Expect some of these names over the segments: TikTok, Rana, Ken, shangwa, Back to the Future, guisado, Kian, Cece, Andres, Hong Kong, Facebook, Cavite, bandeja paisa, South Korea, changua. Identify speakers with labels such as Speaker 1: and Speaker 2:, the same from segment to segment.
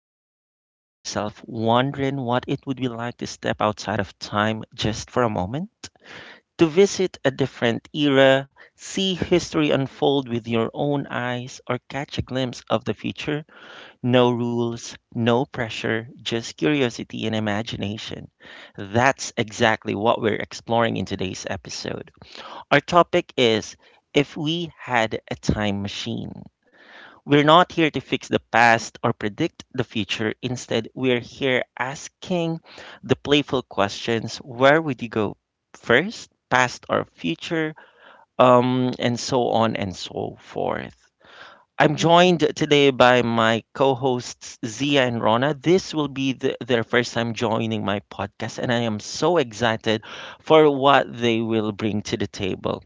Speaker 1: Have you ever caught yourself wondering what it would be like to step outside of time just for a moment? To visit a different era, see history unfold with your own eyes, or catch a glimpse of the future? No rules, no pressure, just curiosity and imagination. That's exactly what we're exploring in today's episode. Our topic is If We Had a Time Machine. We're not here to fix the past or predict the future. Instead, we're here asking the playful questions: where would you go first, past or future, and so on and so forth. I'm
Speaker 2: Mhm.
Speaker 1: joined today by my co hosts, Zia and Rona. This will be their first time joining my podcast, and I am so excited for what they will bring to the table.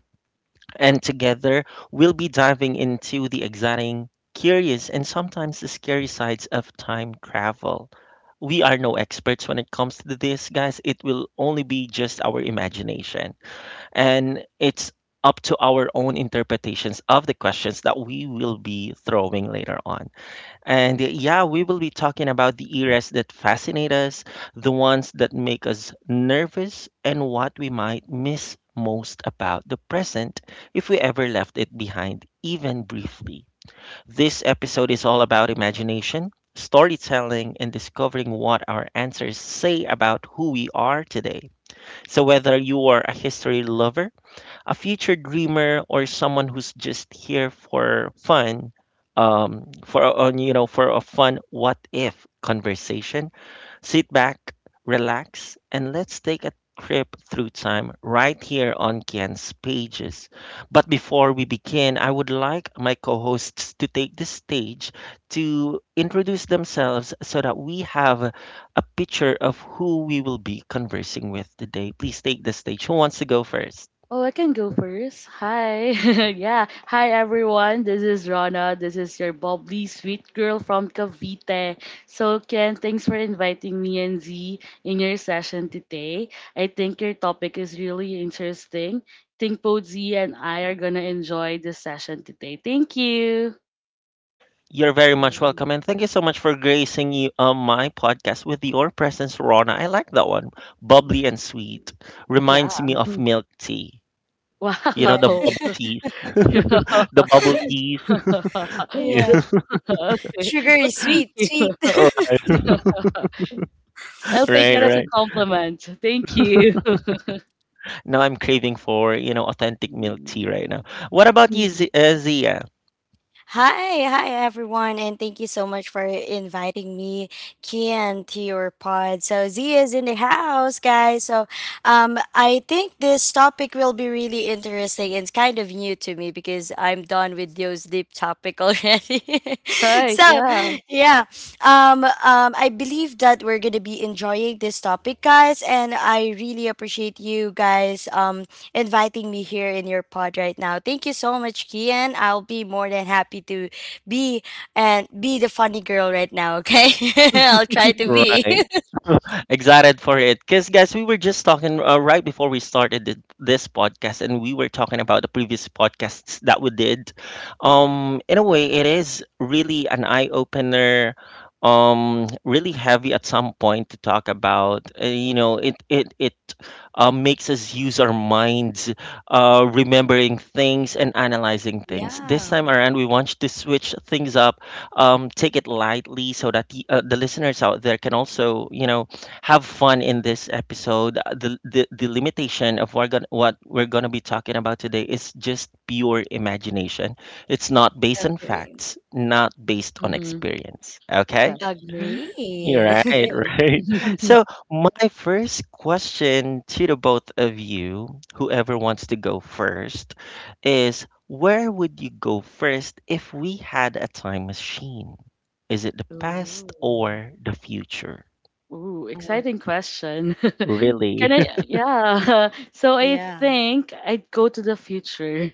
Speaker 1: And together, we'll be diving into the exciting, curious, and sometimes the scary sides of time travel. We are no experts when it comes to this, guys. It will only be just our imagination. And it's up to our own interpretations of the questions that we will be throwing later on. And yeah, we will be talking about the eras that fascinate us, the ones that make us nervous, and what we might miss most about the present if we ever left it behind, even briefly. This episode is all about imagination, storytelling, and discovering what our answers say about who we are today. So, whether you are a history lover, a future dreamer, or someone who's just here for fun, for a- on for a fun what if conversation, sit back, relax, and let's take a trip through time right here on Ken's Pages. But before we begin, I would like my co-hosts to take the stage to introduce themselves so that we have a picture of who we will be conversing with today. Please take the stage. Who wants to go first?
Speaker 2: Oh, I can go first. Hi. Yeah. Hi, everyone. This is Rana. This is your bubbly sweet girl from Cavite. So, Ken, thanks for inviting me and Z in your session today. I think your topic is really interesting. Think both Z and I are going to enjoy this session today. Thank you.
Speaker 1: You're very much
Speaker 3: Yeah.
Speaker 1: welcome, and thank you so much for gracing my podcast with your presence, Rona. I like that one. Bubbly and sweet.
Speaker 2: Yeah.
Speaker 1: Reminds me of milk tea. You know,
Speaker 3: Yeah.
Speaker 1: the
Speaker 2: Wow.
Speaker 1: bubble teas. The bubble teas.
Speaker 2: Okay.
Speaker 1: Yeah.
Speaker 3: Yeah.
Speaker 2: But
Speaker 3: Sugar is
Speaker 2: thank
Speaker 3: sweet,
Speaker 2: you.
Speaker 3: sweet.
Speaker 1: Right,
Speaker 2: I'll take
Speaker 1: right,
Speaker 2: that
Speaker 3: Yeah.
Speaker 2: as a
Speaker 1: right.
Speaker 2: compliment. Thank you.
Speaker 1: Now I'm craving for, you know, authentic milk tea right now. What about you,
Speaker 2: Mm.
Speaker 1: Zia?
Speaker 3: Hi, hi everyone, and thank you so much for inviting me, Kian, to your pod. So Z is in the house, guys. So I think this topic will be really interesting, and it's kind of new to me because I'm done with those deep topic already.
Speaker 2: Right,
Speaker 3: so
Speaker 2: yeah.
Speaker 3: yeah. I believe that we're gonna be enjoying this topic, guys, and I really appreciate you guys inviting me here in your pod right now. Thank you so much, Kian. I'll be more than happy to be and be the funny girl right now, okay? I'll try to be.
Speaker 1: Right. Excited for it. Because, guys, we were just talking right before we started this podcast, and we were talking about the previous podcasts that we did. In a way, it is really an eye opener. Really heavy at some point to talk about. You know, it makes us use our minds, remembering things and analyzing things. This
Speaker 3: Yeah.
Speaker 1: time around, we want you to switch things up, take it lightly so that the listeners out there can also, you know, have fun in this episode. The limitation of what we're going to be talking about today is just pure imagination. It's not based on
Speaker 3: Agree.
Speaker 1: facts, not based on
Speaker 2: Mhm.
Speaker 1: experience.
Speaker 2: Yeah.
Speaker 1: Okay?
Speaker 2: Mhm.
Speaker 1: You're
Speaker 3: Agree.
Speaker 1: right,
Speaker 2: Okay.
Speaker 1: right. So, my first question to the both of you, whoever wants to go first, is where would you go first if we had a time machine? Is it the past
Speaker 3: Ooh.
Speaker 1: or the future?
Speaker 2: Ooh,
Speaker 3: Oh,
Speaker 2: exciting question. Can
Speaker 1: Really?
Speaker 2: I? Yeah. So I
Speaker 3: yeah.
Speaker 2: think I'd go to the future.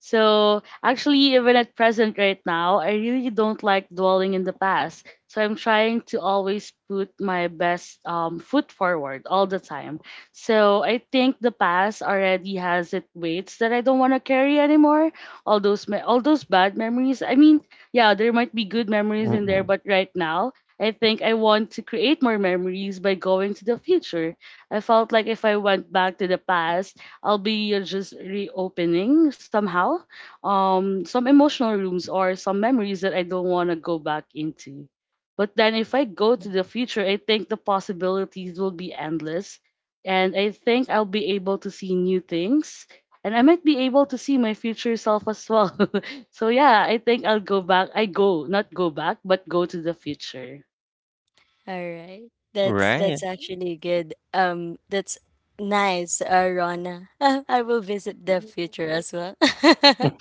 Speaker 2: So actually, even at present right now, I really don't like dwelling in the past. So I'm trying to always put my best foot forward all the time. So I think the past already has its weights that I don't want to carry anymore. All those bad memories. I mean, yeah, there might be good memories in there,
Speaker 1: Mm-mm.
Speaker 2: but right now. I think I want to create more memories by going to the future. I felt like if I went back to the past, I'll be just reopening somehow some emotional rooms or some memories that I don't want to go back into. But then if I go to the future, I think the possibilities will be endless. And I think I'll be able to see new things. And I might be able to see my future self as well. So yeah, I think I'll go back. I, not go back, but go to the future.
Speaker 3: All right. That's
Speaker 1: Right,
Speaker 3: actually good. That's nice, Rona. I will visit the future as well.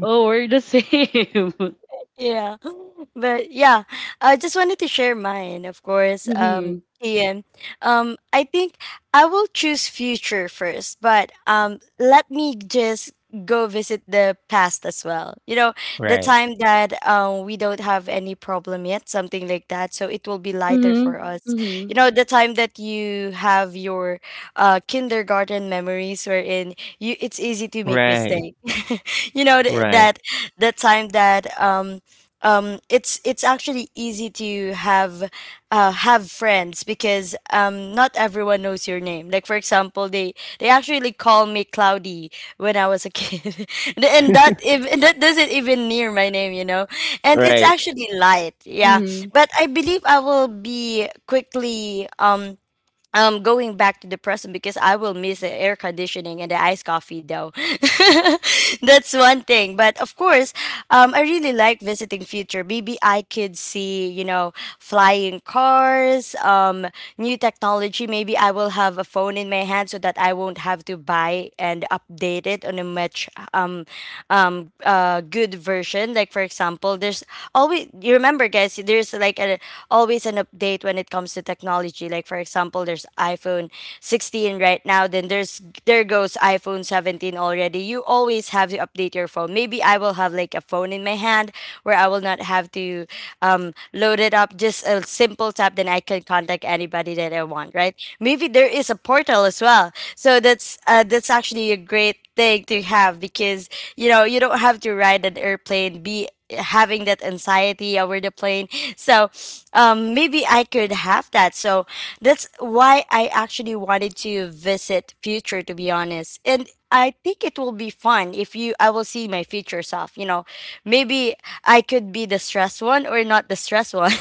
Speaker 2: Oh, we're the same.
Speaker 3: Yeah. But yeah, I just wanted to share mine, of course.
Speaker 2: Mm-hmm.
Speaker 3: Ian. I think I will choose future first, but let me just go visit the past as well. You know, the
Speaker 1: right,
Speaker 3: time that we don't have any problem yet, something like that. So it will be lighter
Speaker 2: Mm-hmm.
Speaker 3: for us.
Speaker 2: Mm-hmm.
Speaker 3: You know, the time that you have your kindergarten memories wherein you it's easy to make
Speaker 1: right,
Speaker 3: mistake. You know th-
Speaker 1: right,
Speaker 3: that the time that it's actually easy to have friends because not everyone knows your name. Like for example, they actually call me Cloudy when I was a kid, and that even that doesn't even near my name, you know. And it's
Speaker 1: right,
Speaker 3: actually light, yeah. But I believe I will be quickly going back to the present because I will miss the air conditioning and the iced coffee though. That's one thing. But of course, I really like visiting future. Maybe I could see, you know, flying cars, new technology. Maybe I will have a phone in my hand so that I won't have to buy and update it on a much good version. Like for example, there's always you remember guys, there's like a always an update when it comes to technology. Like for example, there's iPhone 16 right now, then there goes iPhone 17 already. You always have to update your phone. Maybe I will have like a phone in my hand where I will not have to load it up. Just a simple tap, then I can contact anybody that I want. Right? Maybe there is a portal as well. So that's actually a great thing to have because you know you don't have to ride an airplane. Be having that anxiety over the plane. So maybe I could have that. So that's why I actually wanted to visit future, to be honest. And I think it will be fun if you I will see my future self, you know. Maybe I could be the stressed one or not the stressed one.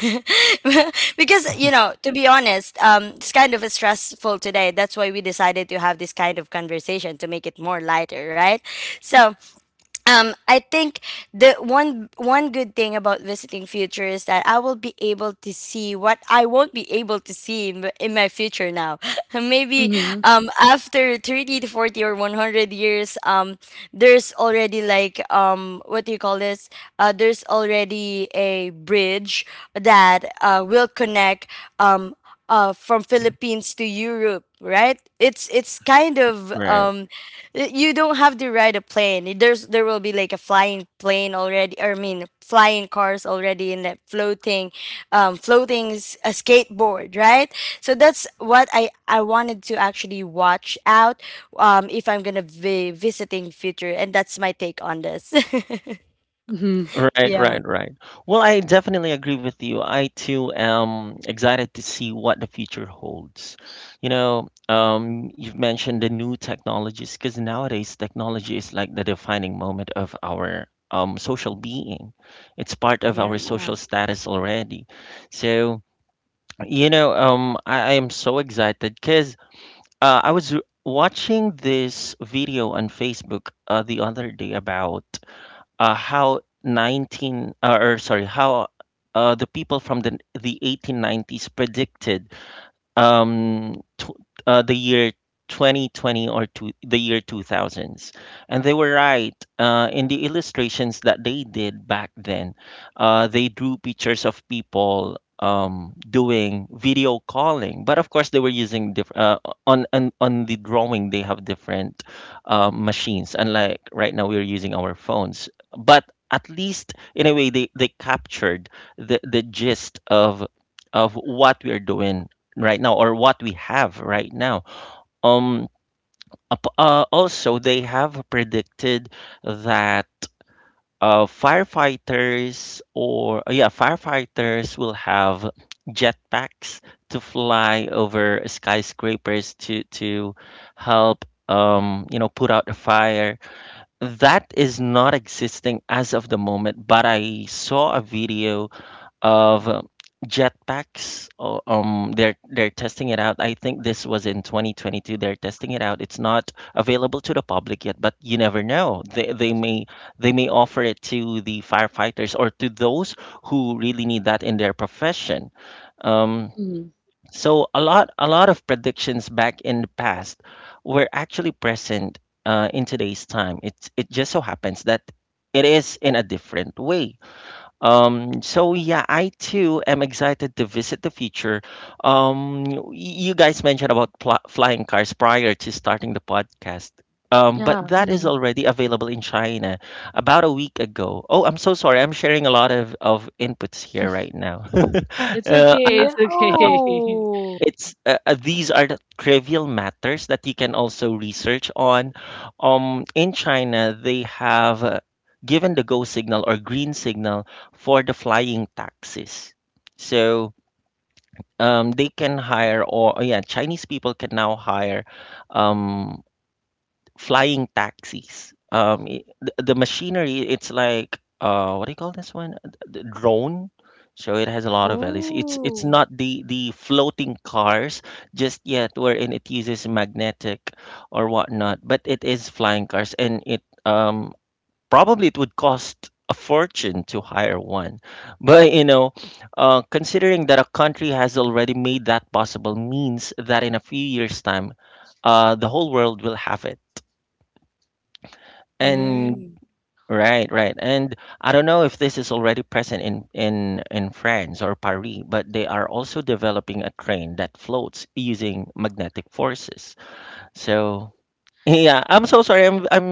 Speaker 3: Because, you know, to be honest, it's kind of stressful today. That's why we decided to have this kind of conversation to make it more lighter, right? So I think the one good thing about visiting future is that I will be able to see what I won't be able to see in, in my future now. Maybe
Speaker 2: Mhm,
Speaker 3: after 30 to 40 or 100 years, there's already like what do you call this? There's already a bridge that will connect um, from Philippines to Europe, right? It's kind of
Speaker 1: right.
Speaker 3: y- You don't have to ride a plane. There's there will be like a flying plane already. Or I mean, flying cars already, and that floating, floating is a skateboard, right? So that's what I wanted to actually watch out, if I'm gonna be visiting future, and that's my take on this.
Speaker 2: mhm,
Speaker 1: Right,
Speaker 3: Yeah.
Speaker 1: right, right. Well, I definitely agree with you. I too am excited to see what the future holds. You know, you've mentioned the new technologies because nowadays technology is like the defining moment of our social being. It's part of
Speaker 3: Yeah.
Speaker 1: our social status already. So, you know, I am so excited because I was watching this video on Facebook the other day about how 19 or sorry how the people from the 1890s predicted um, tw- the year 2020, the year 2000s. And they were right in the illustrations that they did back then. They drew pictures of people doing video calling, but of course they were using different on the drawing. They have different machines, unlike right now we're using our phones. But at least in a way, they captured the gist of what we're doing right now or what we have right now. Um, Also, they have predicted that firefighters will have jetpacks to fly over skyscrapers to help, um, you know, put out a fire that is not existing as of the moment. But I saw a video of, jetpacks. They're testing it out. I think this was in 2022. They're testing it out. It's not available to the public yet, but you never know. They may offer it to the firefighters or to those who really need that in their profession. Um,
Speaker 2: mhm.
Speaker 1: so a lot, a lot of predictions back in the past were actually present in today's time. It just so happens that it is in a different way. So yeah, I too am excited to visit the future. You guys mentioned about flying cars prior to starting the podcast. But
Speaker 2: Yeah,
Speaker 1: that is
Speaker 2: mhm.
Speaker 1: already available in China about a week ago. Oh, I'm so sorry. I'm sharing a lot of inputs here right now.
Speaker 2: It's
Speaker 1: uh,
Speaker 2: okay, it's
Speaker 3: Yeah.
Speaker 2: okay.
Speaker 1: um,
Speaker 3: Oh.
Speaker 1: it's, these are the trivial matters that you can also research on. In China, they have, given the go signal or green signal for the flying taxis. So, they can hire, or yeah, Chinese people can now hire, um, flying taxis. The machinery, it's like, what do you call this one? The drone. So it has a lot of values. It's
Speaker 3: Ooh.
Speaker 1: not the the floating cars just yet, wherein it uses magnetic or whatnot, but it is flying cars, and it, um probably it would cost a fortune to hire one. But you know, considering that a country has already made that possible, means that in a few years' time, the whole world will have it and
Speaker 3: Mm.
Speaker 1: right, right. And I don't know if this is already present in France or Paris, but they are also developing a train that floats using magnetic forces. So yeah, I'm so sorry. I'm I'm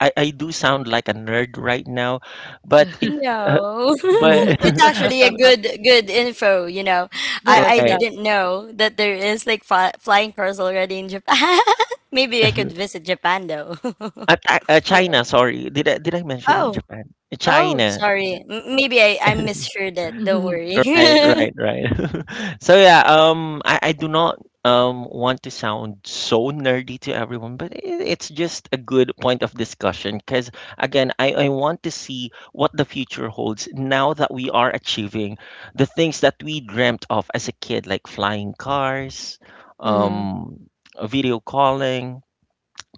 Speaker 1: I, I do sound like a nerd right now, but it, uh,
Speaker 3: No,
Speaker 2: Mhm.
Speaker 1: but
Speaker 3: it's actually a good info, you know. I
Speaker 2: Yes, yeah,
Speaker 1: right.
Speaker 3: didn't know that there is like fi flying cars already in Japan. Maybe I could visit Japan though.
Speaker 2: yeah.
Speaker 1: China, sorry. Did I mention
Speaker 3: Oh,
Speaker 1: Japan?
Speaker 3: oh,
Speaker 1: China.
Speaker 3: sorry. M Maybe I misheard it. Don't
Speaker 2: Mhm,
Speaker 3: worry.
Speaker 1: Right, right, right. So yeah, I do not, want to sound so nerdy to everyone, but I it's just a good point of discussion because again, I want to see what the future holds now that we are achieving the things that we dreamt of as a kid, like flying cars,
Speaker 2: mhm,
Speaker 1: um, video calling.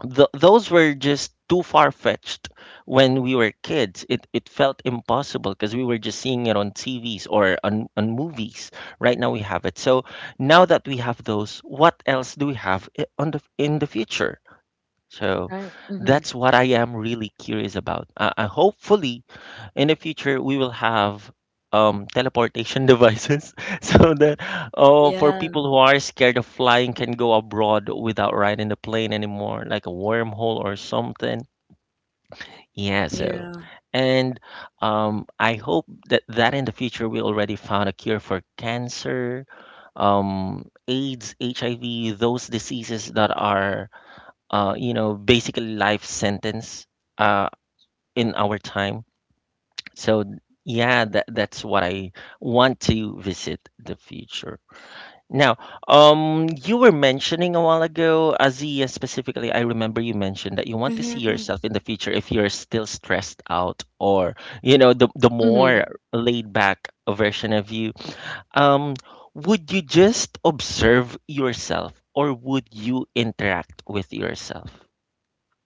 Speaker 1: Th Those were just too far-fetched when we were kids. It felt impossible because we were just seeing it on TVs or on movies. Right now we have it. So now that we have those, what else do we have I- on the in the future? So
Speaker 2: right, mhm,
Speaker 1: that's what I am really curious about. Hopefully in the future we will have, teleportation devices so that, oh, for
Speaker 3: Yeah,
Speaker 1: people who are scared of flying, can go abroad without riding the plane anymore, like a wormhole or something. Yeah, so,
Speaker 3: yeah.
Speaker 1: and, I hope that in the future we already found a cure for cancer, AIDS, HIV, those diseases that are, you know, basically life sentence, uh, in our time. So yeah, that that's what I want to visit the future. Now, you were mentioning a while ago, Azia specifically, I remember you mentioned that you want to see yourself in the future if you're still stressed out or, you know, the
Speaker 2: mhm,
Speaker 1: more laid back version of you. Um, would you just observe yourself or would you interact with yourself?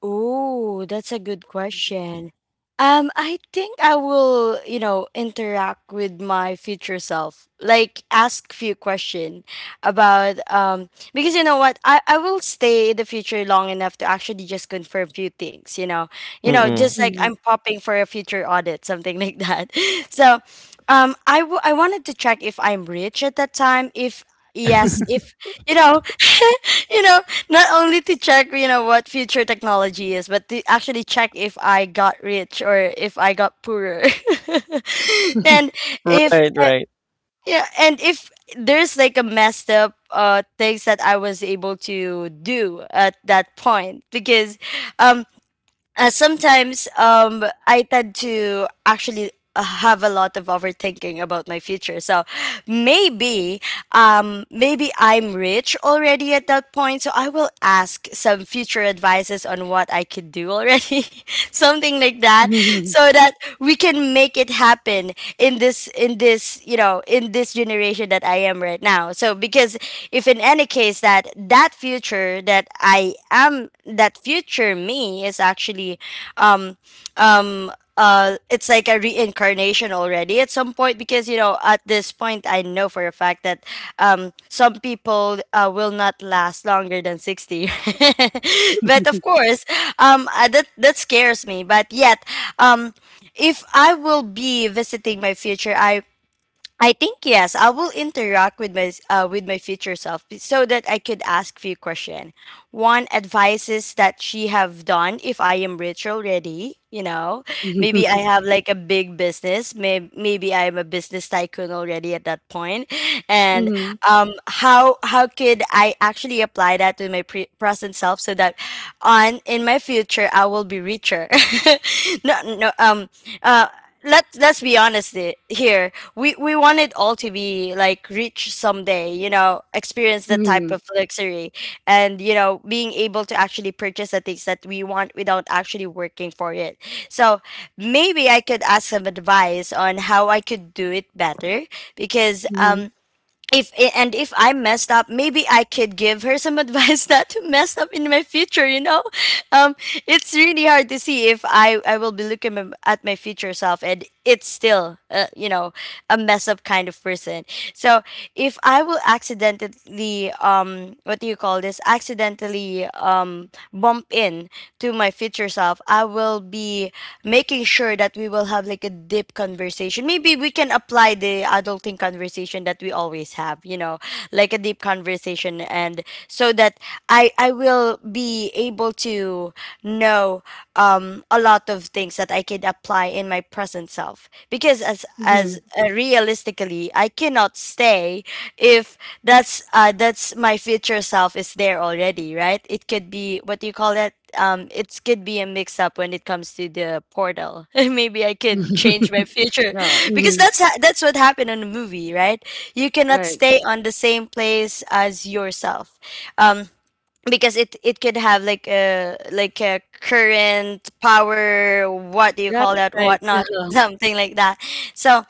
Speaker 3: Oh, that's a good question. I think I will, you know, interact with my future self. Like ask few question about because you know what? I will stay in the future long enough to actually just confirm few things, you know. You know,
Speaker 1: Mm-mm.
Speaker 3: just like
Speaker 2: mhm,
Speaker 3: I'm popping for a future audit, something like that. So I I wanted to check if I'm rich at that time. If
Speaker 2: mhm,
Speaker 3: yes, if you know, you know, not only to check, you know, what future technology is, but to actually check if I got rich or if I got poorer. And if
Speaker 1: Right, right.
Speaker 3: yeah, and if there's like a messed up things that I was able to do at that point because um sometimes I tend to actually have a lot of overthinking about my future. So maybe maybe I'm rich already at that point, so I will ask some future advices on what I could do already. Something like that
Speaker 2: mhm,
Speaker 3: so that we can make it happen in this, in this, you know, in this generation that I am right now. So because if in any case that that future that I am, that future me is actually um um it's like a reincarnation already at some point, because you know at this point I know for a fact that some people will not last longer than 60. But of course that that scares me, but yet um if I will be visiting my future, I think yes, I will interact with my future self, so that I could ask few question. One advices that she have done if I am rich already, you know. Maybe I have like a big business, maybe I am a business tycoon already at that point. And
Speaker 2: mhm,
Speaker 3: um how could I actually apply that to my present self so that on in my future I will be richer. No, no, let's be honest here. We want it all to be like rich someday, you know, experience the type
Speaker 2: mhm,
Speaker 3: of luxury, and you know, being able to actually purchase the things that we want without actually working for it. So maybe I could ask some advice on how I could do it better because if and if I messed up, maybe I could give her some advice not to mess up in my future, you know? um, it's really hard to see if I will be looking at my future self and it's still, you know, a mess up kind of person. So if I will accidentally, what do you call this? Accidentally bump in to my future self, I will be making sure that we will have like a deep conversation. Maybe we can apply the adulting conversation that we always have, you know, like a deep conversation, and so that I will be able to know a lot of things that I could apply in my present self. Because as
Speaker 2: mhm.
Speaker 3: realistically, I cannot stay if that's that's my future self is there already, right? It could be what do you call it? It could be a mix up when it comes to the portal. Maybe I could change my future
Speaker 2: Yeah,
Speaker 3: because
Speaker 2: mhm,
Speaker 3: that's that's what happened in the movie, right? You cannot
Speaker 2: right,
Speaker 3: stay on the same place as yourself. Um, because it could have like a current power, what do you
Speaker 2: right,
Speaker 3: call that
Speaker 2: right, yeah,
Speaker 3: whatnot, something like that. So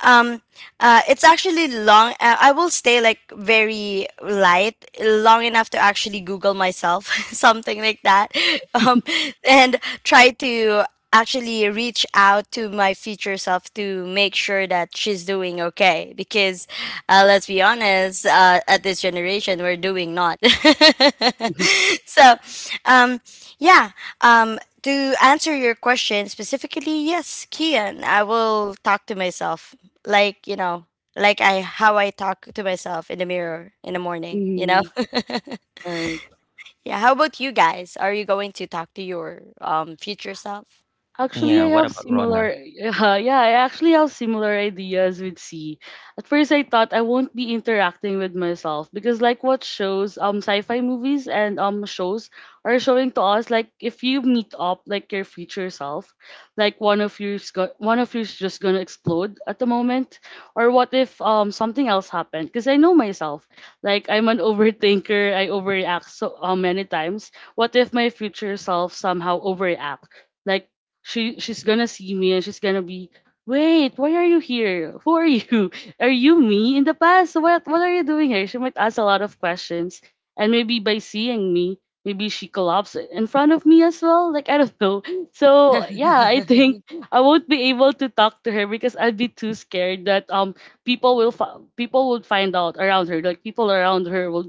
Speaker 3: um it's actually long, I will stay like very light long enough to actually google myself, something like that. um and try to actually reach out to my future self to make sure that she's doing okay, because let's be honest, at this generation we're doing not.
Speaker 2: mhm,
Speaker 3: So um, yeah, to answer your question specifically, yes, Kian, I will talk to myself, like you know, like I how I talk to myself in the mirror in the morning, you know.
Speaker 2: mhm, right.
Speaker 3: Yeah, how about you guys, are you going to talk to your future self?
Speaker 2: Actually,
Speaker 1: Yeah,
Speaker 2: I
Speaker 3: Hmm.
Speaker 1: what
Speaker 2: have
Speaker 1: about Rona?
Speaker 2: similar. Yeah, yeah, I actually have similar ideas with C. At first, I thought I won't be interacting with myself because, like, what shows, sci-fi movies and shows are showing to us, like, if you meet up, like, your future self, like one of you's just gonna explode at the moment, or what if something else happened? Because I know myself, like, I'm an overthinker. I overreact so many times. What if my future self somehow overreact? Like, she's gonna see me and she's gonna be wait, why are you here, who are you, are you me in the past, what are you doing here? She might ask a lot of questions, and maybe by seeing me, maybe she collapses in front of me as well, like I don't know. So yeah, I think I won't be able to talk to her because I'd be too scared that people would find out around her, like people around her will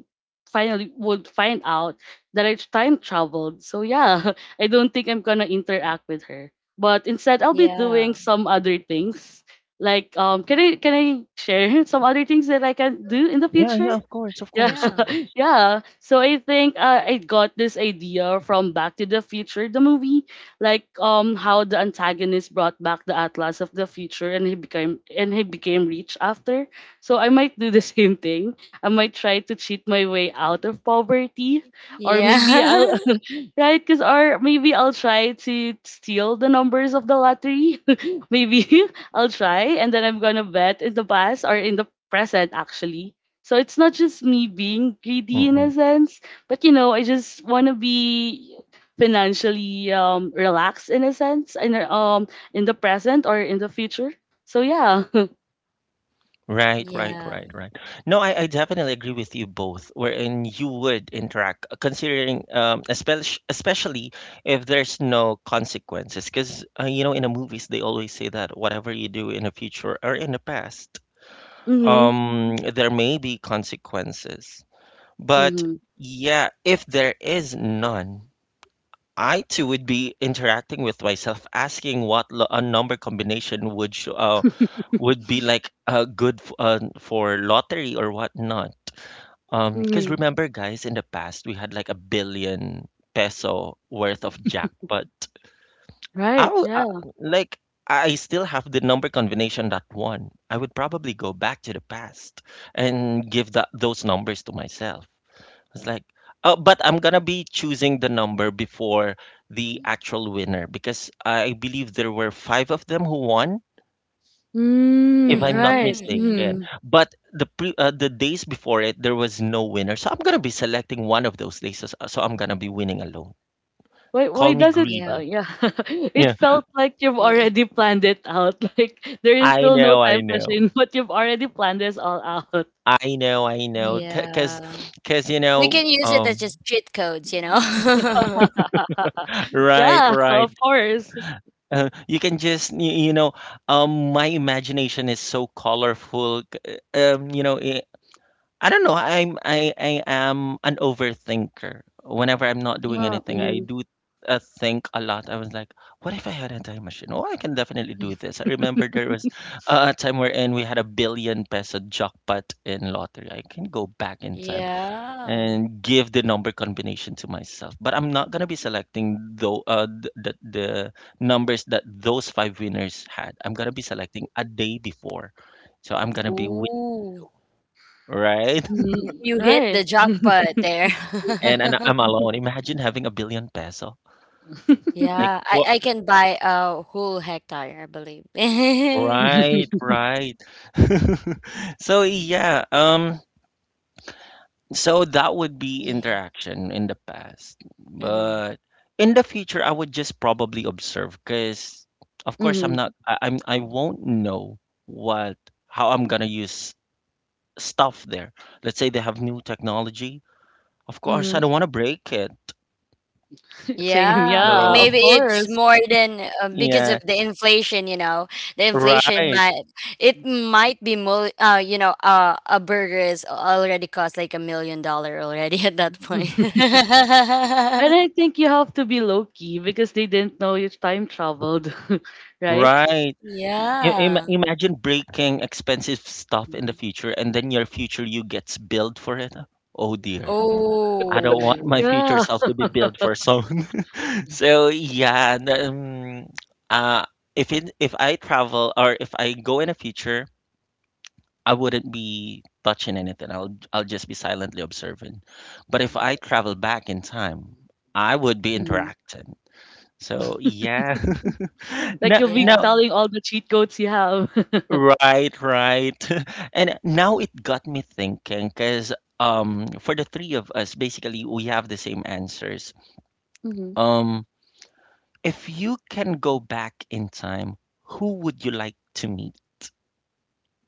Speaker 2: finally would find out that I time traveled. So yeah. I don't think I'm gonna interact with her. But instead, I'll be doing
Speaker 3: Yeah.
Speaker 2: some other things. Like, can I share some other things that I can do in the
Speaker 1: Yeah, yeah,
Speaker 2: future?
Speaker 1: of course, of
Speaker 2: Yeah,
Speaker 1: course, of
Speaker 3: Yeah.
Speaker 1: course.
Speaker 2: yeah. So I think I got this idea from Back to the Future, the movie, like how the antagonist brought back the Atlas of the future, and he became rich after. So I might do the same thing. I might try to cheat my way out of poverty, or
Speaker 3: Yeah.
Speaker 2: maybe I'll right, because or maybe I'll try to steal the numbers of the lottery. Maybe I'll try, and then I'm gonna bet in the past or in the present actually. So it's not just me being greedy in a
Speaker 1: Mm-mm.
Speaker 2: sense, but you know, I just wanna be financially relaxed in a sense, and in the present or in the future. So yeah.
Speaker 1: Right, right,
Speaker 3: Yeah.
Speaker 1: right, right. No, I definitely agree with you both, wherein you would interact, considering, especially, especially if there's no consequences. Because, you know, in the movies, they always say that whatever you do in the future or in the past,
Speaker 2: Mhm.
Speaker 1: there may be consequences. But
Speaker 2: Mhm.
Speaker 1: yeah, if there is none, I too would be interacting with myself, asking what a number combination would show, would be like, for lottery or whatnot. Because
Speaker 2: Mhm.
Speaker 1: remember, guys, in the past we had like a billion peso worth of jackpot. I
Speaker 2: Right.
Speaker 1: would,
Speaker 2: Yeah.
Speaker 1: like, I still have the number combination that won. I would probably go back to the past and give that those numbers to myself. It's like, but I'm gonna be choosing the number before the actual winner because I believe there were five of them who won if
Speaker 2: Mm,
Speaker 1: I'm not
Speaker 2: right.
Speaker 3: Mm-hmm.
Speaker 1: mistaken.
Speaker 3: Mm-hmm.
Speaker 2: Mm.
Speaker 1: But the days before it, there was no winner. So I'm gonna be selecting one of those days. So I'm gonna be winning alone.
Speaker 2: Why
Speaker 1: Call me
Speaker 2: does it
Speaker 3: Yeah.
Speaker 1: greedy.
Speaker 2: yeah, it
Speaker 1: Yeah,
Speaker 2: felt like you've
Speaker 3: Yeah.
Speaker 2: already planned it out, like there is
Speaker 1: I
Speaker 2: still no
Speaker 1: know, I
Speaker 2: time
Speaker 1: know,
Speaker 2: machine, but you've already planned this all out.
Speaker 1: I know, I know.
Speaker 2: Mm.
Speaker 1: C- Cause,
Speaker 3: Yeah.
Speaker 1: cause
Speaker 3: We can use it as just cheat codes, you know?
Speaker 1: right,
Speaker 2: Yeah,
Speaker 1: right.
Speaker 2: of course.
Speaker 1: You can just my imagination is so colorful. I don't know. I am an overthinker. Whenever I'm not doing
Speaker 2: Yeah.
Speaker 1: anything, I
Speaker 2: Mhm,
Speaker 1: do think a lot. I was like, what if I had a time machine? Oh, I can definitely do this. I remember there was a time wherein we had a billion peso jackpot in lottery. I can go back in time
Speaker 3: Yeah.
Speaker 1: and give the number combination to myself, but I'm not gonna be selecting though the numbers that those five winners had. I'm gonna be selecting a day before, so I'm gonna be
Speaker 3: Ooh.
Speaker 1: right.
Speaker 2: mhm.
Speaker 3: You hit
Speaker 2: Right.
Speaker 3: the jackpot there.
Speaker 1: And I'm alone. Imagine having a billion peso. Like
Speaker 3: Yeah.
Speaker 1: for
Speaker 3: I can buy a whole hectare, I believe.
Speaker 1: right, right. So yeah, so that would be
Speaker 3: Yeah.
Speaker 1: interaction in the past.
Speaker 3: Hmm.
Speaker 1: But in the future I would just probably observe because of course I'm
Speaker 2: Hmm.
Speaker 1: not I, I'm I won't know what how I'm gonna use stuff there. Let's say they have new technology. Of course I
Speaker 2: Hmm.
Speaker 1: don't wanna break it.
Speaker 2: Same,
Speaker 3: Yeah,
Speaker 2: yeah, of
Speaker 1: So
Speaker 3: maybe it's
Speaker 2: course.
Speaker 3: more than because
Speaker 1: yeah,
Speaker 3: of the inflation, you know. The inflation
Speaker 1: right.
Speaker 3: might it might be more a burger is already cost like $1 million already at that point.
Speaker 2: And I think you have to be low key because they didn't know you time traveled, right?
Speaker 1: Right.
Speaker 3: Yeah.
Speaker 1: Imagine breaking expensive stuff in the
Speaker 2: Mhm.
Speaker 1: future and then your future you gets billed for it. Oh dear. I don't want my
Speaker 3: Oh,
Speaker 1: future
Speaker 2: Yeah.
Speaker 1: self to be billed for some. So yeah, uh, if it if I travel or if I go in the future, I wouldn't be touching anything. I'll just be silently observing. But if I travel back in time, I would be
Speaker 2: Mhm.
Speaker 1: interacting. So yeah.
Speaker 2: Like
Speaker 1: No,
Speaker 2: you'll be
Speaker 1: no.
Speaker 3: yeah.
Speaker 2: telling all the cheat codes you have.
Speaker 1: Right, right. And now it got me thinking because for the three of us basically we have the same answers.
Speaker 2: Mhm.
Speaker 1: Um if you can go back in time, who would you like to meet?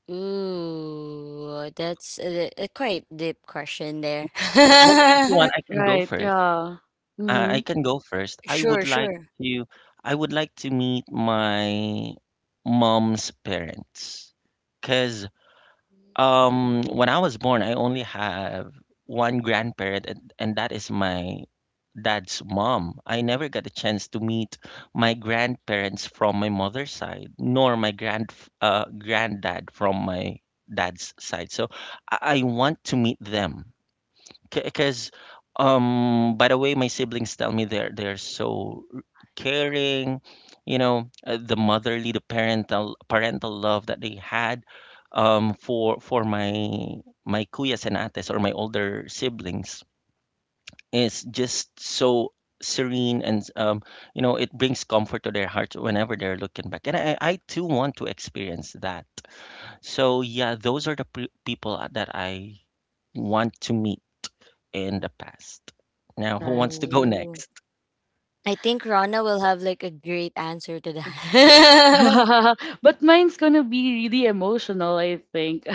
Speaker 3: Ooh, that's a quite deep question there.
Speaker 1: Well, if you want, I can go
Speaker 2: Right.
Speaker 1: first.
Speaker 2: Yeah.
Speaker 1: I
Speaker 2: Mhm.
Speaker 1: can go first.
Speaker 3: Sure, sure.
Speaker 1: To I would like to meet my mom's parents. Cause when I was born, I only have one grandparent, and that is my dad's mom. I never got a chance to meet my grandparents from my mother's side, nor my granddad from my dad's side. So I want to meet them because by the way my siblings tell me they're so caring, you know, the parental love that they had for my kuyas and ates or my older siblings is just so serene, and you know, it brings comfort to their hearts whenever they're looking back. And I too want to experience that. So yeah, those are the people that I want to meet in the past. Now, who wants to go
Speaker 3: Ooh.
Speaker 1: next?
Speaker 3: I think Rana will have like a great answer to that.
Speaker 2: But mine's gonna be really emotional, I think.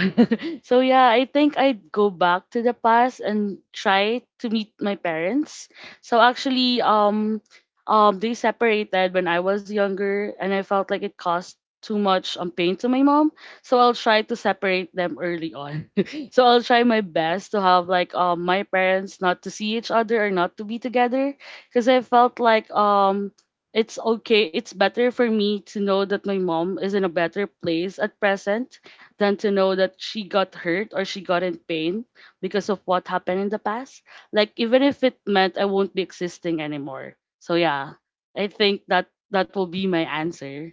Speaker 2: So yeah, I think I'd go back to the past and try to meet my parents. So actually, they separated when I was younger, and I felt like it caused too much pain to my mom. So I'll try to separate them early on. So I'll try my best to have like my parents not to see each other or not to be together, because I felt like it's okay. It's better for me to know that my mom is in a better place at present than to know that she got hurt or she got in pain because of what happened in the past. Like even if it meant I won't be existing anymore. So yeah, I think that that will be my answer.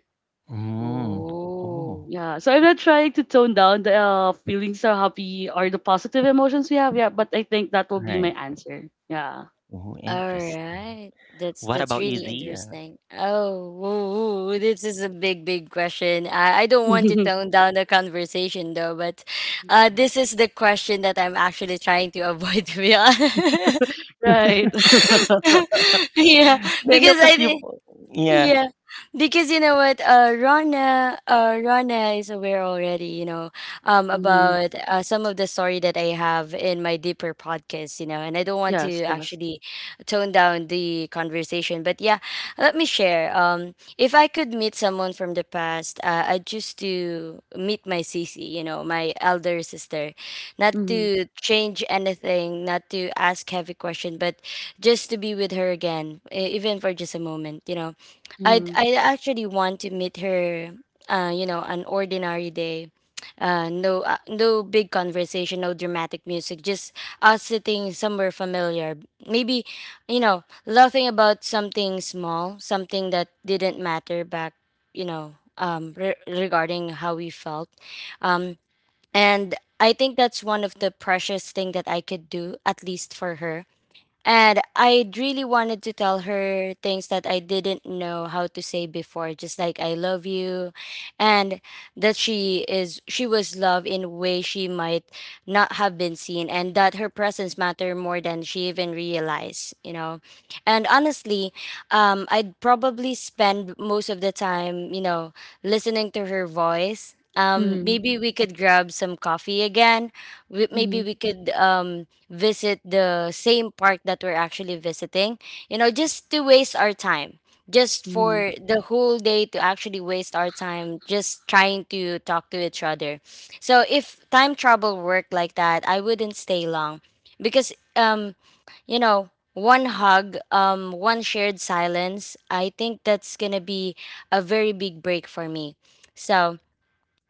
Speaker 1: Mm. Oh,
Speaker 3: Ooh.
Speaker 2: Yeah, so I'm not trying to tone down the feelings or happy or the positive emotions we have. Yeah, but I think that will be
Speaker 1: right.
Speaker 2: my answer. Yeah.
Speaker 1: Oh,
Speaker 3: All
Speaker 1: interesting.
Speaker 3: right.
Speaker 1: What
Speaker 3: That's
Speaker 1: about you,
Speaker 3: really
Speaker 1: Zia?
Speaker 3: interesting. Oh, woo, woo, this is a big, big question. I don't want to tone down the conversation though, but this is the question that I'm actually trying to avoid, to be honest.
Speaker 2: Right.
Speaker 3: Yeah,
Speaker 1: No, no,
Speaker 3: because
Speaker 1: because you.
Speaker 3: I
Speaker 1: Yeah.
Speaker 3: yeah, because you know what, uh, Rana, Rana is aware already, you know,
Speaker 2: Mhm.
Speaker 3: about some of the story that I have in my deeper podcast, you know, and I don't want to
Speaker 2: Yes, yes.
Speaker 3: actually tone down the conversation. But yeah, let me share. If I could meet someone from the past, I'd choose to meet my Cece, you know, my elder sister. Not
Speaker 2: Mhm.
Speaker 3: to change anything, not to ask heavy question, but just to be with her again, even for just a moment, you know.
Speaker 2: Mhm,
Speaker 3: I actually want to meet her, you know, an ordinary day. No big conversation, no dramatic music, just us sitting somewhere familiar. Maybe, you know, laughing about something small, something that didn't matter back, you know, regarding how we felt. Um, and I think that's one of the precious thing that I could do, at least for her. And I really wanted to tell her things that I didn't know how to say before, just like I love you, and that she was loved in a way she might not have been seen, and that her presence mattered more than she even realized, you know. And honestly, I'd probably spend most of the time, you know, listening to her voice.
Speaker 2: mhm,
Speaker 3: Maybe we could grab some coffee again. Maybe
Speaker 2: mhm,
Speaker 3: we could visit the same park that we're actually visiting, you know, just to waste our time, just
Speaker 2: mhm,
Speaker 3: for the whole day to actually waste our time just trying to talk to each other. So if time travel worked like that, I wouldn't stay long because you know one hug, one shared silence, I think that's gonna be a very big break for me. So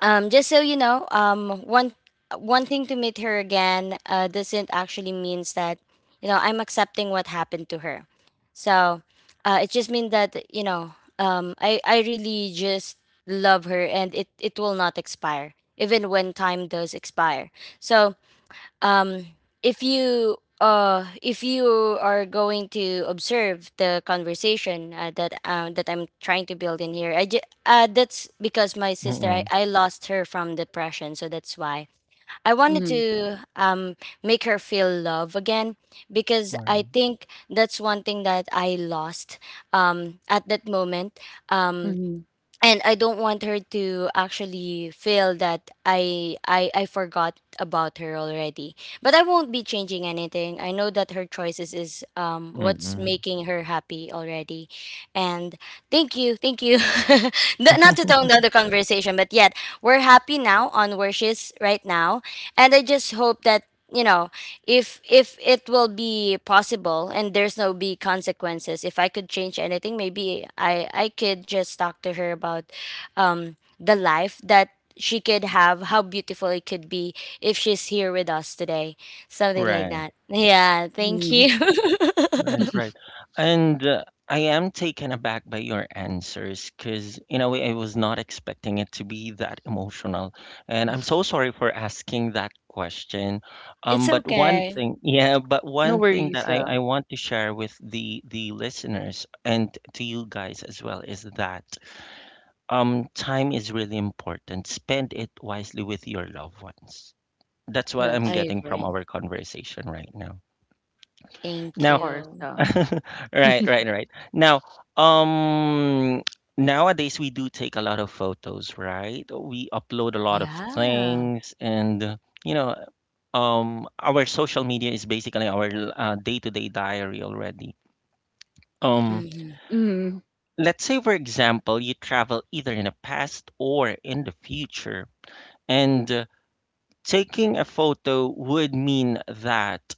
Speaker 3: just so you know, one wanting to meet her again doesn't actually means that, you know, I'm accepting what happened to her. So it just means that, you know, um, I really just love her, and it will not expire even when time does expire. So um, if you are going to observe the conversation that I'm trying to build in here, that's because my sister, I,
Speaker 1: Mm-mm.
Speaker 3: I lost her from depression, so that's why I wanted
Speaker 2: mhm,
Speaker 3: to make her feel love again, because
Speaker 1: Right.
Speaker 3: I think that's one thing that I lost at that moment. Um,
Speaker 2: mhm,
Speaker 3: and I don't want her to actually feel that I forgot about her already. But I won't be changing anything. I know that her choices is what's
Speaker 1: Mm-mm.
Speaker 3: making her happy already. And thank you, thank you. Not to tone down the conversation, but yet we're happy now on where she's right now, and I just hope that, you know, if it will be possible and there's no be consequences, if I could change anything, maybe I could just talk to her about the life that she could have, how beautiful it could be if she's here with us today, something like
Speaker 1: Right.
Speaker 3: that. Yeah, thank you.
Speaker 2: mhm.
Speaker 1: Right, right. And I am taken aback by your answers because, in a way, I was not expecting it to be that emotional. And I'm so sorry for asking that question. Um,
Speaker 3: It's
Speaker 1: but one
Speaker 3: okay.
Speaker 1: thing, yeah, but
Speaker 2: No
Speaker 1: one thing that
Speaker 2: worries,
Speaker 1: I
Speaker 2: yeah.
Speaker 1: want to share with the listeners and to you guys as well is that time is really important. Spend it wisely with your loved ones. That's what I'm
Speaker 2: Yes,
Speaker 3: I
Speaker 1: getting from
Speaker 3: agree.
Speaker 1: our conversation right now.
Speaker 3: Thank
Speaker 2: of
Speaker 1: Now,
Speaker 2: course,
Speaker 3: you.
Speaker 2: yeah.
Speaker 1: right, right, right. Now, um, nowadays we do take a lot of photos, right? We upload a lot of
Speaker 3: Yeah.
Speaker 1: things, and you know, our social media is basically our day-to-day diary already. Um,
Speaker 3: Mm-hmm.
Speaker 2: Mhm,
Speaker 1: let's say, for example, you travel either in the past or in the future, and taking a photo would mean that,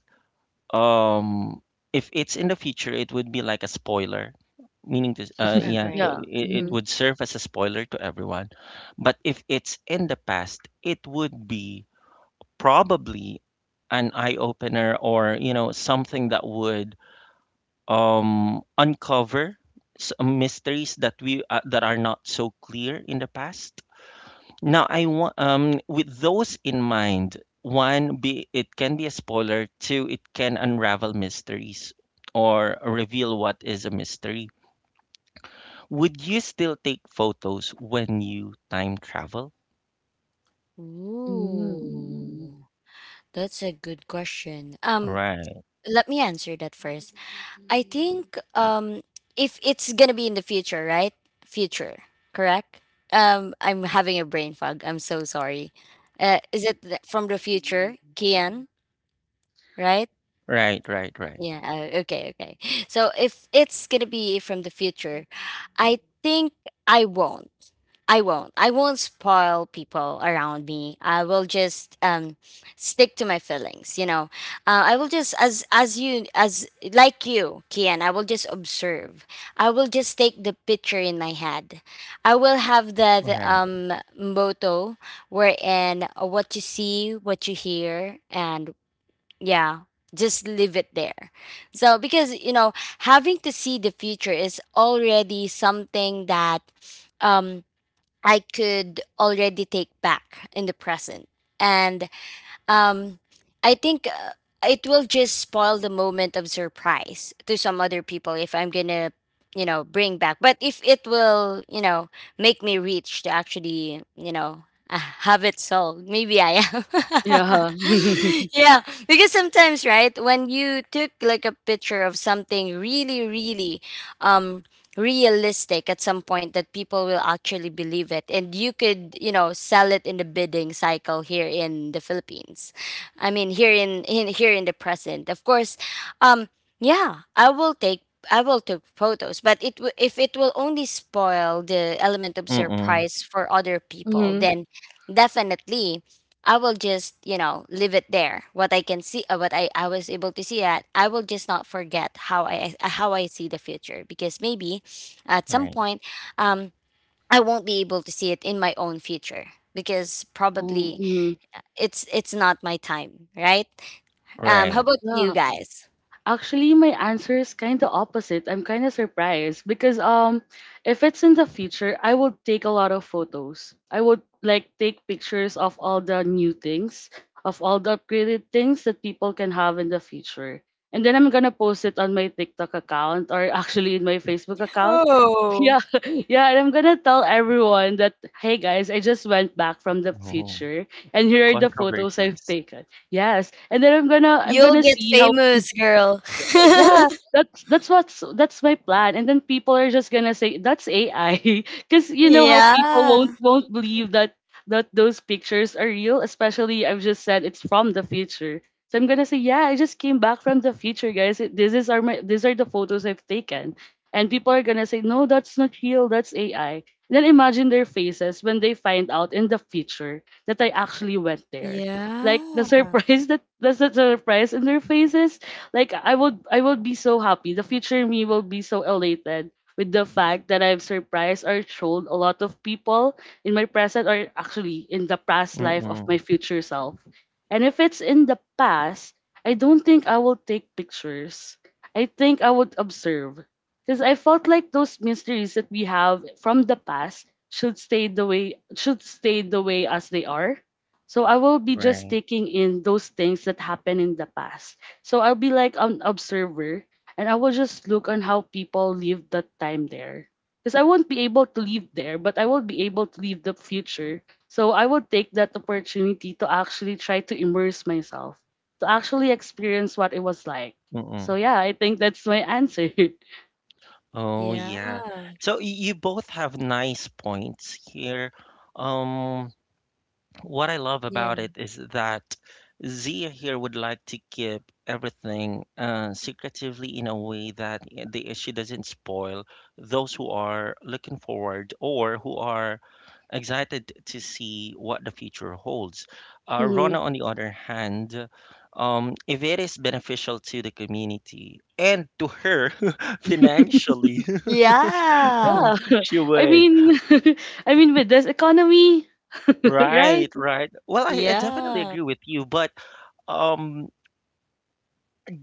Speaker 1: um, if it's in the future, it would be like a spoiler. Meaning to, yeah, so
Speaker 3: Agree.
Speaker 2: yeah.
Speaker 1: it
Speaker 2: Mhm,
Speaker 3: Mm.
Speaker 1: would serve as a spoiler to everyone. But if it's in the past, it would be probably an eye opener, or, you know, something that would uncover mysteries that we that are not so clear in the past. Now, I want, with those in mind, one, be it can be a spoiler. Two, it can unravel mysteries or reveal what is a mystery. Would you still take photos when you time travel?
Speaker 2: mm.
Speaker 3: Ooh, that's a good question.
Speaker 1: Right,
Speaker 3: Let me answer that first. I think, if it's gonna be in the future, right? Future, correct? I'm having a brain fog. I'm so sorry. Is it from the future, Kian? Right?
Speaker 1: right, right, right,
Speaker 3: Yeah, okay, okay. So if it's gonna be from the future, I think I won't. I won't. I won't spoil people around me. I will just stick to my feelings, you know. I will just as you as like you, Kian, I will just observe. I will just take the picture in my head. I will have that
Speaker 1: right.
Speaker 3: motto wherein, what you see, what you hear, and yeah, just leave it there. So, because, you know, having to see the future is already something that um, I could already take back in the present. And um, I think it will just spoil the moment of surprise to some other people if I'm gonna, you know, bring back. But if it will, you know, make me rich to actually, you know, uh, have it sold, maybe I am.
Speaker 2: Yeah.
Speaker 3: Yeah, because sometimes, right, when you took like a picture of something really, really, um, realistic at some point that people will actually believe it, and you could, you know, sell it in the bidding cycle here in the Philippines, I mean here in the present, of course. um yeah, I will take photos, but if it will only spoil the element of
Speaker 1: Mm-mm,
Speaker 3: surprise for other people,
Speaker 2: Mhm.
Speaker 3: then definitely I will just, you know, leave it there, what I can see, what I was able to see at. I will just not forget how I see the future, because maybe at some
Speaker 1: right,
Speaker 3: point, um, I won't be able to see it in my own future, because
Speaker 2: Oh,
Speaker 3: probably
Speaker 2: mhm.
Speaker 3: it's not my time, right? How
Speaker 1: right.
Speaker 3: about you
Speaker 2: Yeah.
Speaker 3: guys?
Speaker 2: Actually, my answer is kind of opposite. I'm kind of surprised because if it's in the future, I would take a lot of photos. I would like take pictures of all the new things, of all the upgraded things that people can have in the future. And then I'm gonna post it on my TikTok account or actually in my Facebook account.
Speaker 3: Oh,
Speaker 2: Yeah, yeah, and I'm gonna tell everyone that hey guys, I just went back from the
Speaker 1: Oh,
Speaker 2: future and here are the photos I've
Speaker 1: controversies.
Speaker 2: taken. Yes. And then I'm gonna I'm
Speaker 3: you'll
Speaker 2: gonna
Speaker 3: get
Speaker 2: see how
Speaker 3: famous, girl.
Speaker 2: yeah that's my plan, and then people are just gonna say that's AI. Because you know how people won't
Speaker 3: Yeah.
Speaker 2: won't believe that that those pictures are real, especially I've just said it's from the future. So I'm gonna say yeah, I just came back from the future guys. It- this is are my These are the photos I've taken, and people are gonna say no, that's not real, that's AI. Then imagine their faces when they find out in the future that I actually went there, like the
Speaker 3: Yeah.
Speaker 2: surprise, that that's the surprise in their faces. Like I would be so happy. The future me will be so elated with the fact that I've surprised or trolled a lot of people in my present or actually in the past life of my
Speaker 1: Mm-mm,
Speaker 2: future self. And if it's in the past, I don't think I will take pictures. I think I would observe. Because I felt like those mysteries that we have from the past should stay the way should stay the way as they are. So I will be just
Speaker 1: right.
Speaker 2: taking in those things that happen in the past. So I'll be like an observer, and I will just look on how people live that time there. Because I won't be able to live there, but I will be able to live the future. So I will take that opportunity to actually try to immerse myself, to actually experience what it was like. So
Speaker 1: Mm-mm.
Speaker 2: yeah, I think that's my answer.
Speaker 1: Oh, yeah.
Speaker 3: Yeah,
Speaker 1: So you both have nice points here. Um, What I love about
Speaker 3: yeah,
Speaker 1: it is that Zia here would like to keep everything secretively in a way that she doesn't spoil those who are looking forward or who are excited to see what the future holds.
Speaker 2: Mhm.
Speaker 1: Rona, on the other hand, if it is beneficial to the community and to her financially,
Speaker 3: yeah,
Speaker 2: Yeah.
Speaker 1: she
Speaker 2: I
Speaker 1: would.
Speaker 2: mean I mean with this economy, right?
Speaker 1: Right, right. Well, I definitely
Speaker 3: yeah,
Speaker 1: agree with you, but um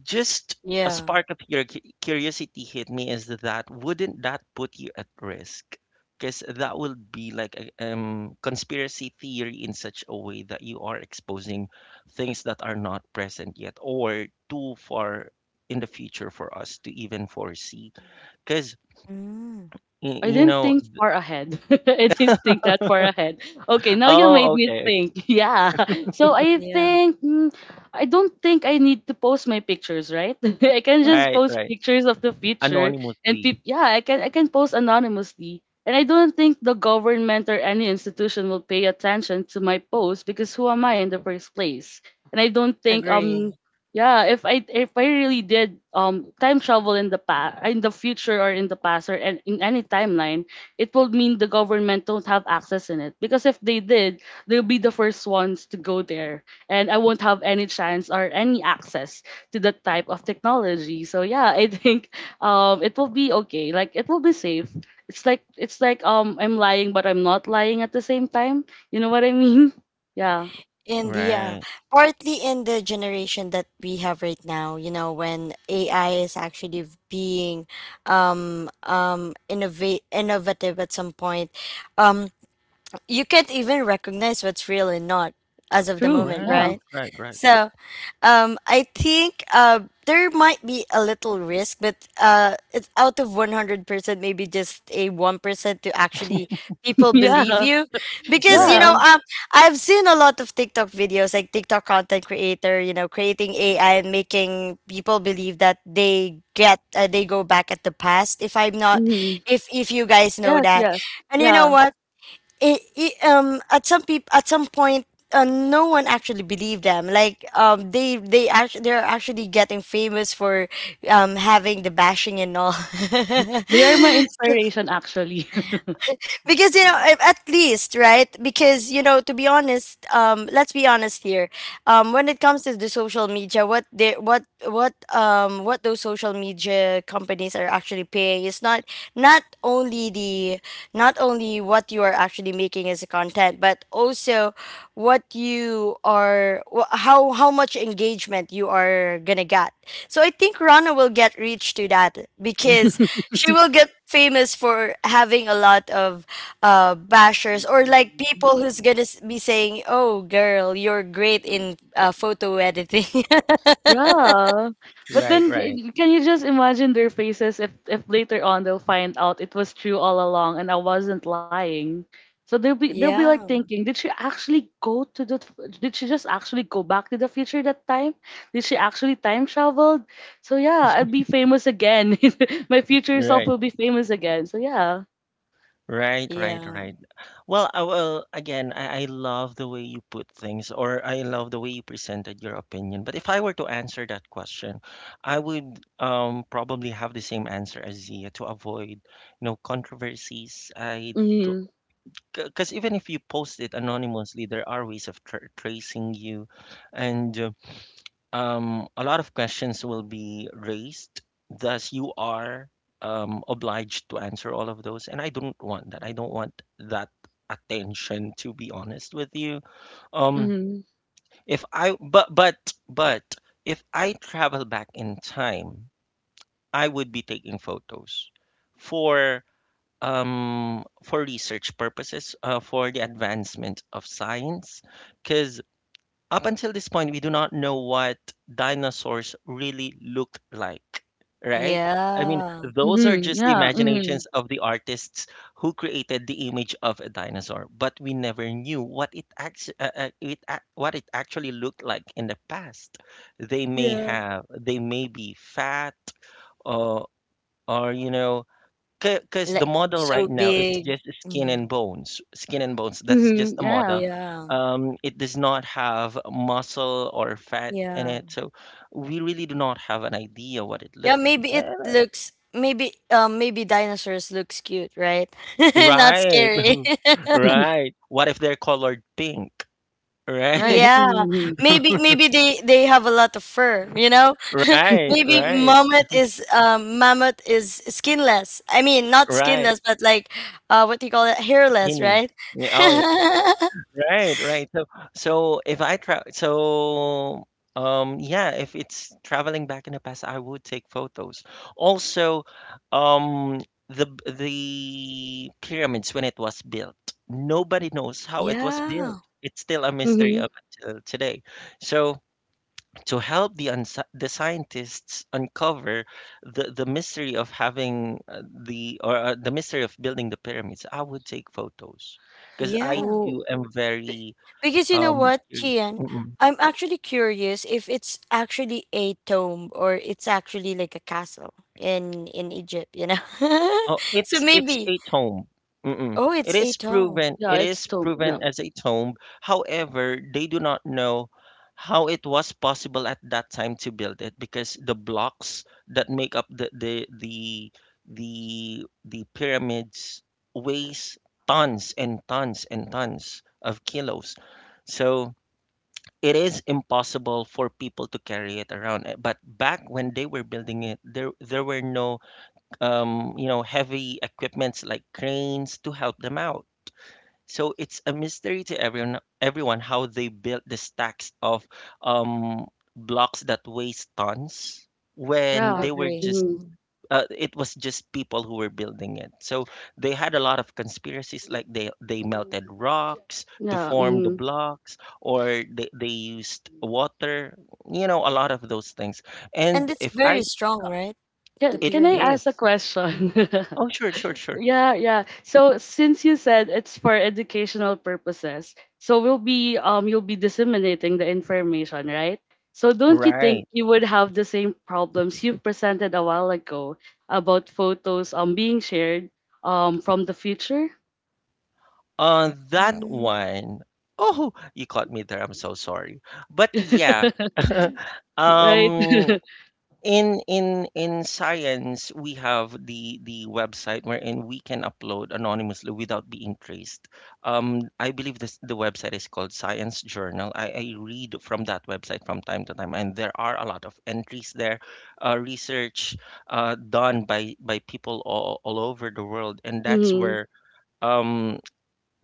Speaker 1: just a
Speaker 3: yeah.
Speaker 1: spark of your curiosity hit me is that wouldn't that put you at risk? Because that would be like a conspiracy theory in such a way that you are exposing things that are not present yet or too far in the future for us to even foresee. Because,
Speaker 3: Mm,
Speaker 2: I
Speaker 1: you
Speaker 2: didn't
Speaker 1: know,
Speaker 2: think far ahead. I didn't think that far ahead. Okay, now you made
Speaker 1: oh,
Speaker 2: me
Speaker 1: okay, okay,
Speaker 2: think. Yeah. So I
Speaker 3: yeah.
Speaker 2: think mm, I don't think I need to post my pictures, right? I can just
Speaker 1: right,
Speaker 2: post
Speaker 1: right,
Speaker 2: pictures of the future and
Speaker 1: anonymously,
Speaker 2: yeah, I can post anonymously. And I don't think the government or any institution will pay attention to my post because who am I in the first place? And I don't think
Speaker 3: Agree.
Speaker 2: yeah, if I really did time travel in the past, in the future or in the past or in any timeline, it would mean the government don't have access in it because if they did, they'll be the first ones to go there, and I won't have any chance or any access to that type of technology. So yeah, I think it will be okay. Like it will be safe. It's like I'm lying but I'm not lying at the same time. You know what I mean? Yeah.
Speaker 3: And yeah,
Speaker 1: right,
Speaker 3: partly in the generation that we have right now, you know, when AI is actually v- being innovate innovative at some point, um you can't even recognize what's real and not as of the
Speaker 2: True.
Speaker 3: moment,
Speaker 1: right,
Speaker 2: Yeah.
Speaker 3: right?
Speaker 1: right, right,
Speaker 3: So I think there might be a little risk, but it's out of 100%, maybe just a 1% to actually people believe
Speaker 2: Yeah.
Speaker 3: you. Because, you
Speaker 2: Yeah.
Speaker 3: know,
Speaker 1: right,
Speaker 3: I've seen a lot of TikTok videos, like TikTok content creator, you know, creating AI and making people believe that they get, they go back at the past, if I'm not,
Speaker 2: Mhm.
Speaker 3: if you guys know
Speaker 2: Yes,
Speaker 3: that.
Speaker 2: yes.
Speaker 3: And you know
Speaker 2: Yeah.
Speaker 3: what? It At some at some point, no one actually believed them, like they actually they're actually getting famous for having the bashing and all.
Speaker 2: They are my inspiration actually.
Speaker 3: Because, you know, if- at least, right, because, you know, to be honest, let's be honest here, when it comes to the social media, what they what those social media companies are actually paying is not not only the not only what you are actually making as a content, but also what you are how much engagement you are gonna get. So I think Rana will get reached to that, because she will get famous for having a lot of bashers, or like people who's gonna be saying, "Oh, girl, you're great in photo editing."
Speaker 2: Yeah. But
Speaker 1: right,
Speaker 2: then,
Speaker 1: right,
Speaker 2: can you just imagine their faces if later on they'll find out it was true all along and I wasn't lying. So they'll be like
Speaker 3: Yeah,
Speaker 2: thinking, did she actually go to the f- did she just actually go back to the future that time? Did she actually time traveled? So yeah, I'll be famous again. My future self
Speaker 1: right,
Speaker 2: will be famous again. So yeah.
Speaker 1: right, right, right.
Speaker 3: yeah,
Speaker 1: Right. Well, again, I love the way you put things, or I love the way you presented your opinion. But if I were to answer that question, I would probably have the same answer as Zia to avoid, controversies. I Because even if you post it anonymously, there are ways of tracing you, and a lot of questions will be raised. Thus, you are obliged to answer all of those. And I don't want that. I don't want that attention, to be honest with you. Um,
Speaker 2: Mhm.
Speaker 1: if I, but, if I travel back in time, I would be taking photos for for research purposes, for the advancement of science, because up until this point, we do not know what dinosaurs really looked like, right? I mean,
Speaker 3: yeah,
Speaker 1: those are
Speaker 2: Mhm,
Speaker 1: just the
Speaker 2: yeah, mhm.
Speaker 1: imaginations of the artists who created the image of a dinosaur, but we never knew what it, actually looked like in the past. They may
Speaker 3: yeah.
Speaker 1: have, they may be fat, uh, or, you know, because the
Speaker 3: Like
Speaker 1: model right
Speaker 3: so
Speaker 1: now it's
Speaker 3: big.
Speaker 1: just skin
Speaker 3: Mhm.
Speaker 1: and bones, that's just
Speaker 2: Mhm,
Speaker 1: a
Speaker 2: yeah.
Speaker 1: model.
Speaker 3: Yeah,
Speaker 1: It does not have muscle or fat in
Speaker 3: yeah,
Speaker 1: it, so we really do not have an idea what it
Speaker 3: yeah.
Speaker 1: looked like.
Speaker 3: Maybe it
Speaker 1: Eh,
Speaker 3: looks. Maybe maybe dinosaurs looks cute, right? Not
Speaker 1: right.
Speaker 3: scary.
Speaker 1: Right. What if they're colored pink?
Speaker 2: Right.
Speaker 1: Right,
Speaker 3: Yeah,
Speaker 2: Mhm,
Speaker 3: maybe they have a lot of fur, you know.
Speaker 1: right,
Speaker 3: Maybe
Speaker 1: right,
Speaker 3: mammoth is, skinless. I mean, not
Speaker 1: right.
Speaker 3: skinless, but like, what do you call it? Hairless,
Speaker 1: Skinny.
Speaker 3: right?
Speaker 1: Yeah, oh. Right, right. So, so if I travel, so yeah, if it's traveling back in the past, I would take photos. Also, um, the b- the pyramids when it was built, nobody knows how it was built.
Speaker 3: Yeah,
Speaker 1: It's still a mystery
Speaker 2: mhm.
Speaker 1: up until today. So, to help the scientists uncover the mystery of having the or the mystery of building the pyramids, I would take photos because I
Speaker 3: yeah.
Speaker 2: Oh,
Speaker 1: too am
Speaker 3: Be-
Speaker 1: very
Speaker 3: Because you know
Speaker 1: um,
Speaker 3: what,
Speaker 1: y-
Speaker 3: Kian,
Speaker 1: mm-mm.
Speaker 3: I'm actually curious if it's actually a tomb or it's actually like a castle in Egypt, you know.
Speaker 1: Oh,
Speaker 3: So
Speaker 1: it's
Speaker 3: maybe
Speaker 1: a tomb. Mm-mm.
Speaker 3: oh,
Speaker 1: It
Speaker 3: it's a
Speaker 1: is
Speaker 3: tomb.
Speaker 1: proven.
Speaker 2: yeah,
Speaker 1: It
Speaker 2: it's
Speaker 1: is
Speaker 2: still yeah.
Speaker 1: proven as a tomb. However, they do not know how it was possible at that time to build it because the blocks that make up the pyramids weighs tons and tons and tons of kilos. So it is impossible for people to carry it around. Eh, but back when they were building it, there were no, you know, heavy equipments like cranes to help them out. So it's a mystery to everyone how they built the stacks of, um, blocks that weighs tons when
Speaker 2: Yeah.
Speaker 1: they were
Speaker 3: Agree.
Speaker 1: just
Speaker 2: Mhm.
Speaker 3: Mm-hmm.
Speaker 1: it was just people who were building it. So they had a lot of conspiracies, like they melted rocks to
Speaker 2: Yeah,
Speaker 1: form the
Speaker 2: mhm.
Speaker 1: blocks, or they used water, a lot of those things.
Speaker 3: And
Speaker 1: And
Speaker 3: it's
Speaker 1: if
Speaker 3: very
Speaker 1: I,
Speaker 3: strong, right? The
Speaker 2: Can
Speaker 1: it
Speaker 2: can I
Speaker 3: pyramid.
Speaker 2: ask a
Speaker 1: is.
Speaker 2: question?
Speaker 1: Oh, sure, sure, sure.
Speaker 2: Yeah, yeah. So since you said it's for educational purposes, so we'll be you'll be disseminating the information, right? So don't you think
Speaker 1: Right.
Speaker 2: you would have the same problems you presented a while ago about photos being shared from the future?
Speaker 1: On that
Speaker 3: Mm.
Speaker 1: one, oh, you caught me there. I'm so sorry. But yeah,
Speaker 2: Right?
Speaker 1: um, in science, we have the website wherein we can upload anonymously without being traced. I believe this the website is called Science Journal. I read from that website from time to time, and there are a lot of entries there, research done by people all over the world, and that's
Speaker 2: Mm-hmm.
Speaker 1: where um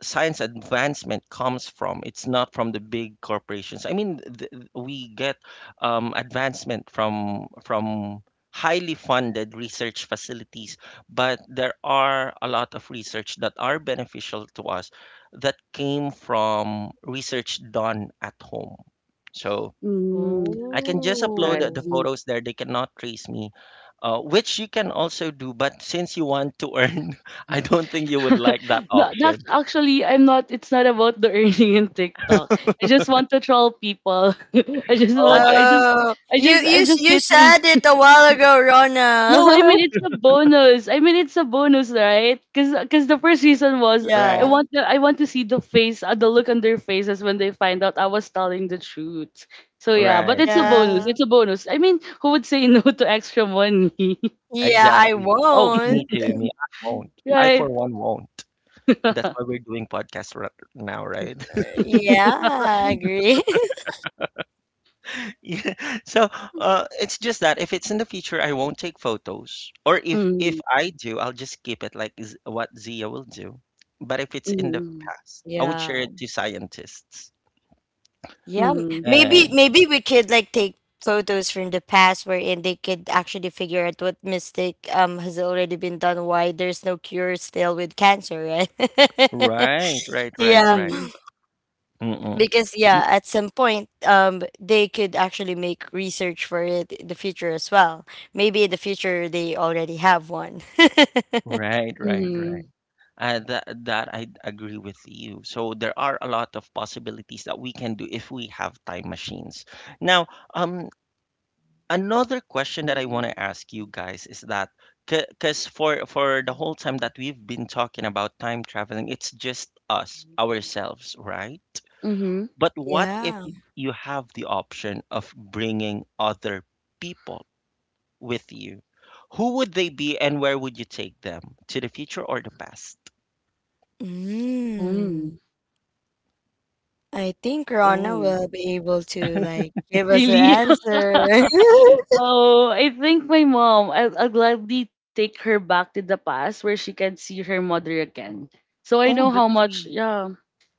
Speaker 1: science advancement comes from. It's not from the big corporations. I mean, we get advancement from highly funded research facilities, but there are a lot of research that are beneficial to us that came from research done at home. So
Speaker 2: Mm-hmm.
Speaker 1: I can just upload
Speaker 2: Right.
Speaker 1: the
Speaker 3: Oh.
Speaker 2: Mm-hmm.
Speaker 1: photos there. They cannot trace me, which you can also do. But since you want to earn, I don't think you would like that
Speaker 2: Not
Speaker 1: option.
Speaker 2: actually, I'm not it's not about the earning in TikTok. I just want to troll people. I just
Speaker 1: Oh,
Speaker 2: want
Speaker 1: I see.
Speaker 3: Oh,
Speaker 2: I just I'm just
Speaker 3: you
Speaker 2: getting.
Speaker 3: said it a while ago, Rona.
Speaker 2: No, I mean it's a bonus. I mean it's a bonus, right? Cuz the first reason was I
Speaker 1: Right,
Speaker 3: Yeah.
Speaker 2: want to I want to see the look on their faces when they find out I was telling the truth. So yeah, but
Speaker 1: right,
Speaker 2: it's a
Speaker 1: right,
Speaker 2: bonus.
Speaker 1: right.
Speaker 3: Yeah.
Speaker 2: It's a bonus. I mean, who would say no to extra money?
Speaker 3: Yeah, I
Speaker 1: Exactly. Oh, me
Speaker 3: won't.
Speaker 1: too. Me, I won't. I
Speaker 2: Right?
Speaker 1: for one won't. That's why we're doing podcasts right now, right?
Speaker 3: Yeah, I agree.
Speaker 1: Yeah. So, it's just that if it's in the future, I won't take photos, or if
Speaker 2: Mm,
Speaker 1: I do, I'll just keep it like what Zia will do. But if it's in the
Speaker 2: mm,
Speaker 1: past, I would
Speaker 3: Yeah.
Speaker 1: share it to scientists.
Speaker 3: Yeah.
Speaker 2: mm,
Speaker 3: Maybe
Speaker 1: And
Speaker 3: maybe we could like take photos from the past wherein they could actually figure out what mistake has already been done, why there's no cure still with cancer, right?
Speaker 1: right, right, right,
Speaker 3: Yeah.
Speaker 1: right.
Speaker 2: mm.
Speaker 1: Mm-mm.
Speaker 3: Because yeah, at some point, they could actually make research for it in the future as well. Maybe in the future they already have one.
Speaker 1: Right, right, right.
Speaker 2: Mhm.
Speaker 1: That I agree with you. So there are a lot of possibilities that we can do if we have time machines. Now, um, another question that I want to ask you guys is that because for the whole time that we've been talking about time traveling, it's just us, ourselves, right?
Speaker 2: Mhm.
Speaker 1: But what if
Speaker 3: Yeah.
Speaker 1: you have the option of bringing other people with you? Who would they be, and where would you take them? To the future or the past?
Speaker 2: Mm.
Speaker 3: Mm. I think Rana
Speaker 2: Oh.
Speaker 3: will be able to like give us an
Speaker 2: Really?
Speaker 3: answer.
Speaker 2: Oh, I think my mom, I'll gladly take her back to the past where she can see her mother again. So I
Speaker 1: Oh,
Speaker 2: know how
Speaker 1: that's
Speaker 2: much,
Speaker 1: sweet.
Speaker 2: yeah.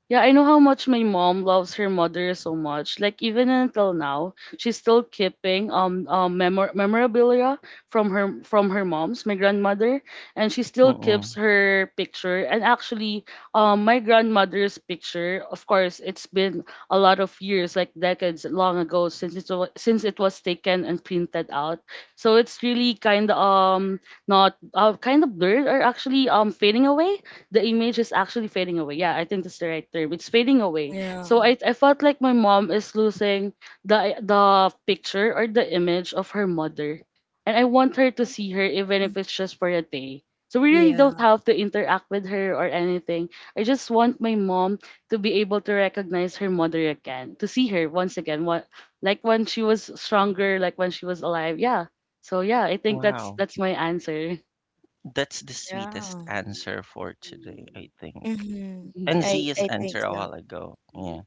Speaker 2: Yeah, I know how much my mom loves her mother so much. Like even until now, she's still keeping memorabilia from her mom's, my grandmother, and she still keeps
Speaker 1: Mm-mm.
Speaker 2: her picture. And actually, my grandmother's picture, of course, it's been a lot of years, like decades long ago since it was taken and printed out. So it's really kind of, not, kind of blurred, or actually fading away. The image is actually fading away. Yeah, I think that's the right term. It's fading away.
Speaker 3: Yeah,
Speaker 2: So I felt like my mom is losing the picture or the image of her mother. And I want her to see her even if it's just for a day. So we really don't
Speaker 3: yeah,
Speaker 2: have to interact with her or anything. I just want my mom to be able to recognize her mother again, to see her once again, what, like when she was stronger, like when she was alive. Yeah. So yeah, I think that's
Speaker 1: Wow.
Speaker 2: that's my answer.
Speaker 1: That's the
Speaker 3: yeah.
Speaker 1: sweetest answer for today, I think.
Speaker 3: Hmm.
Speaker 1: And
Speaker 3: i
Speaker 1: Zia's
Speaker 3: i think
Speaker 1: answer a
Speaker 3: so.
Speaker 1: while ago. Yeah.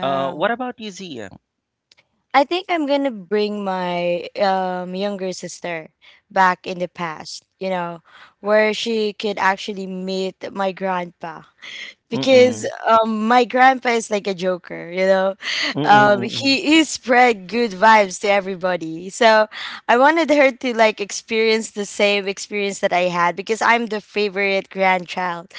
Speaker 1: What about you, Zia?
Speaker 3: I think I'm gonna bring my younger sister back in the past, you know, where she could actually meet my grandpa, because
Speaker 1: Mm-mm.
Speaker 3: my grandpa is like a joker, you know.
Speaker 1: Mm-mm.
Speaker 3: Um,
Speaker 1: Mm-mm.
Speaker 3: he he spread good vibes to everybody, so I wanted her to like experience the same experience that I had, because I'm the favorite grandchild.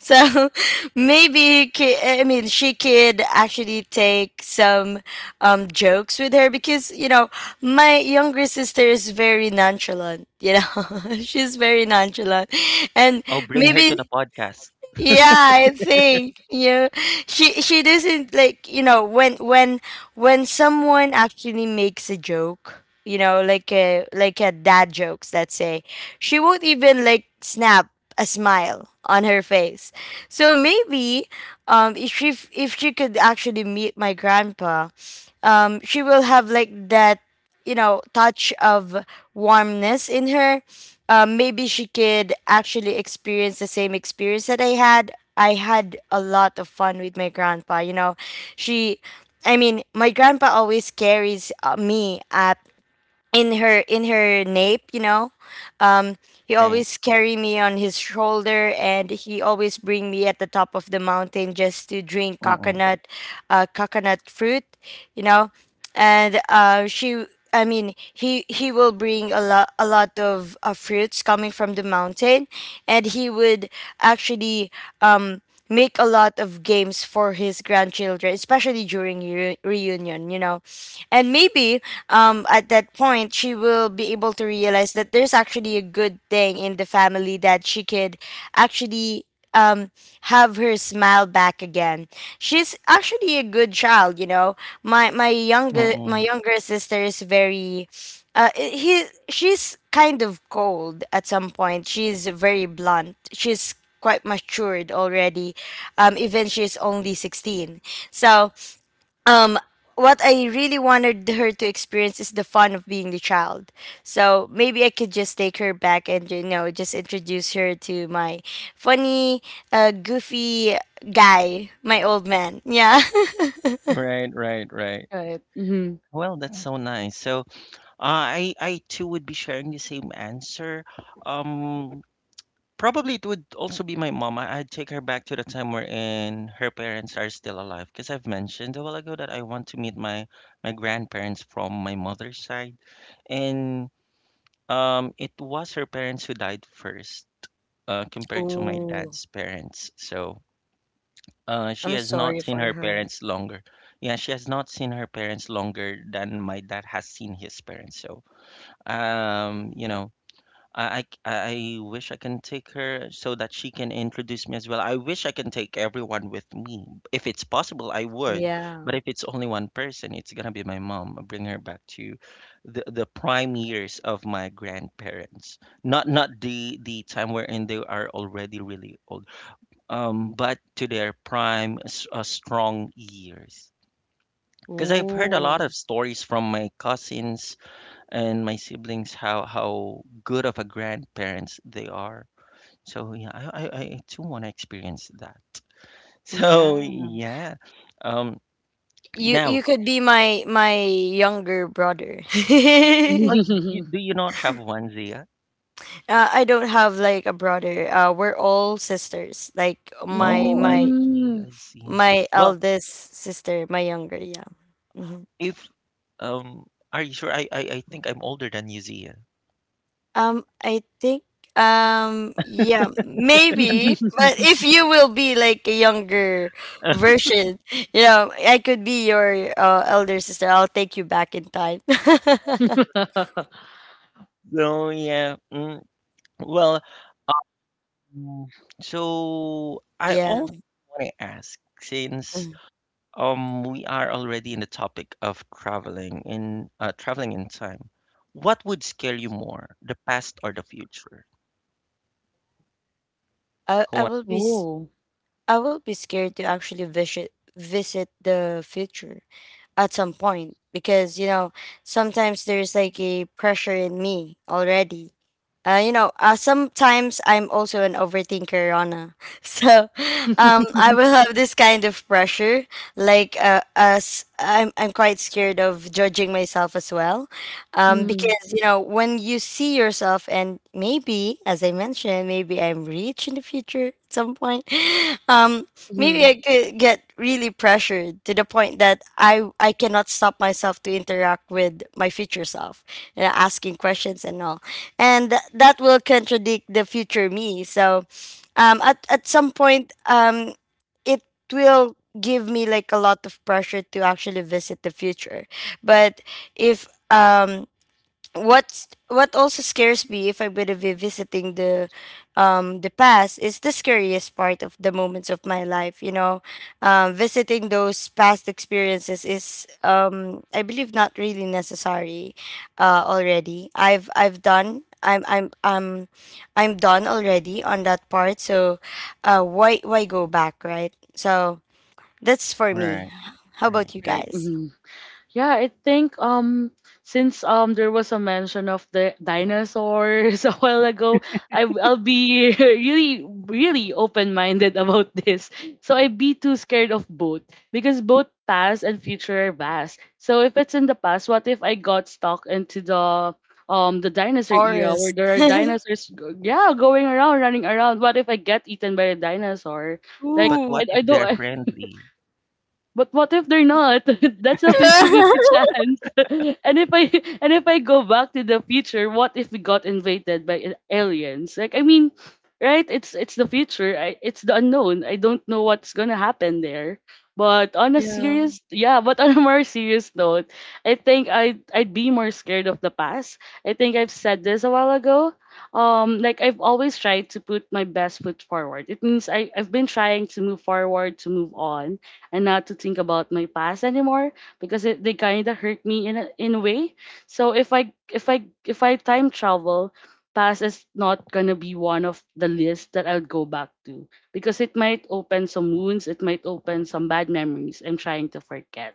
Speaker 3: So maybe he I mean she could actually take some jokes with her because my younger sister is very nonchalant. You know, she's very nonchalant, and
Speaker 1: Oh, bring her to
Speaker 3: maybe
Speaker 1: the podcast.
Speaker 3: yeah, I think yeah, she doesn't like when someone actually makes a joke, you know, like a dad jokes, let's say. She won't even like snap a smile on her face. So maybe um if she if she could actually meet my grandpa, she will have like that, you know, touch of warmness in her. Maybe she could actually experience the same experience that I had. I had a lot of fun with my grandpa, you know. She I mean, my grandpa always carries me up in her nape, you know. um he
Speaker 1: Right.
Speaker 3: always carry me on his shoulder, and he always bring me at the top of the mountain just to drink
Speaker 1: Mm-mm.
Speaker 3: coconut, coconut fruit, you know. And she I mean, he will bring a lot of fruits coming from the mountain, and he would actually um make a lot of games for his grandchildren, especially during reunion, you know. And maybe, at that point, she will be able to realize that there's actually a good thing in the family that she could actually, um, have her smile back again. She's actually a good child, you know. My younger my
Speaker 1: Mm-mm.
Speaker 3: younger sister is very he she's kind of cold at some point. She's very blunt. She's quite matured already, even she's only 16. So um what I really wanted her to experience is the fun of being the child. So maybe I could just take her back and, you know, just introduce her to my funny, goofy guy, my old man, yeah.
Speaker 1: Right, right, right.
Speaker 2: Right. Mhm.
Speaker 1: Well, that's so nice. So, I too would be sharing the same answer. Um, Probably it would also be my mom. I'd take her back to the time wherein her parents are still alive, because I've mentioned a while ago that I want to meet my my grandparents from my mother's side, and it was her parents who died first, compared to my
Speaker 3: Ooh,
Speaker 1: dad's parents. So, she
Speaker 3: I'm
Speaker 1: has
Speaker 3: sorry
Speaker 1: not seen
Speaker 3: for
Speaker 1: her
Speaker 3: her.
Speaker 1: parents longer. Yeah, she has not seen her parents longer than my dad has seen his parents. So, you know, I wish I can take her so that she can introduce me as well. I wish I can take everyone with me. If it's possible, I would.
Speaker 3: Yeah.
Speaker 1: But if it's only one person, it's gonna be my mom. I'll bring her back to the prime years of my grandparents. Not the time wherein they are already really old. But to their prime, strong years. Because I've heard a lot
Speaker 3: Ooh.
Speaker 1: of stories from my cousins and my siblings how good of a grandparents they are. So yeah, I too want to experience that.
Speaker 3: Yeah,
Speaker 1: So yeah, um,
Speaker 3: you
Speaker 1: now
Speaker 3: you could be my younger brother.
Speaker 1: oh, you, do you not have one, Zia?
Speaker 3: I don't have like a brother. We're all sisters. Like
Speaker 1: Oh, I see,
Speaker 2: Mm.
Speaker 1: I see.
Speaker 3: my
Speaker 1: Well,
Speaker 3: eldest sister, my younger, yeah. Hmm.
Speaker 1: if um, are you sure? I think I'm older than you, Zia.
Speaker 3: I think yeah, maybe, but if you will be like a younger version, you know, I could be your, elder sister. I'll take you back in time.
Speaker 1: So yeah, well, mm, so I
Speaker 3: Yeah.
Speaker 1: also want to ask since
Speaker 3: Mm.
Speaker 1: We are already in the topic of traveling in traveling in time. What would scare you more, the past or the future?
Speaker 3: i
Speaker 1: Who
Speaker 3: i
Speaker 1: wa-
Speaker 3: will be s-
Speaker 2: Oh.
Speaker 3: I will be scared to actually visit the future at some point, because, you know, sometimes there's like a pressure in me already. You know, sometimes I'm also an overthinker, Rana. So, I will have this kind of pressure. Like, as I'm quite scared of judging myself as well,
Speaker 2: Mm.
Speaker 3: because you know, when you see yourself, and maybe, as I mentioned, maybe I'm rich in the future at some point. Um, maybe
Speaker 2: Mhm.
Speaker 3: I could get really pressured to the point that I cannot stop myself to interact with my future self, you know, asking questions and all, and that will contradict the future me. So, at some point, it will give me like a lot of pressure to actually visit the future. But if what's what also scares me if I'm gonna be visiting the past is the scariest part of the moments of my life. You know, visiting those past experiences is I believe not really necessary already. I'm done already on that part. So why go back, right? So that's for me.
Speaker 1: Right,
Speaker 3: How
Speaker 1: right.
Speaker 3: about you
Speaker 2: Right.
Speaker 3: guys?
Speaker 2: Mhm. Yeah, I think since there was a mention of the dinosaurs a while ago, I'll be really really open-minded about this. So I'd be too scared of both because both past and future are vast. So if it's in the past, what if I got stuck into the dinosaur era
Speaker 3: Forest.
Speaker 2: where there are dinosaurs yeah, going around, running around. What if I get eaten by a dinosaur, like
Speaker 1: But
Speaker 3: Ooh.
Speaker 1: what
Speaker 2: I
Speaker 1: if they're
Speaker 2: don't.
Speaker 1: friendly?
Speaker 2: But what if they're not? That's a fifty-fifty chance. and if I And if I go back to the future, what if we got invaded by aliens? Like, I mean, right? It's the future. It's the unknown. I don't know what's gonna happen there. But on a
Speaker 3: Yeah.
Speaker 2: serious, yeah, but on a more serious note, I think I'd be more scared of the past. I think I've said this a while ago. Like I've always tried to put my best foot forward. It means I've been trying to move forward, to move on, and not to think about my past anymore because they kind of hurt me in a way. So if I time travel, past is not gonna be one of the list that I'll go back to because it might open some wounds, it might open some bad memories I'm trying to forget.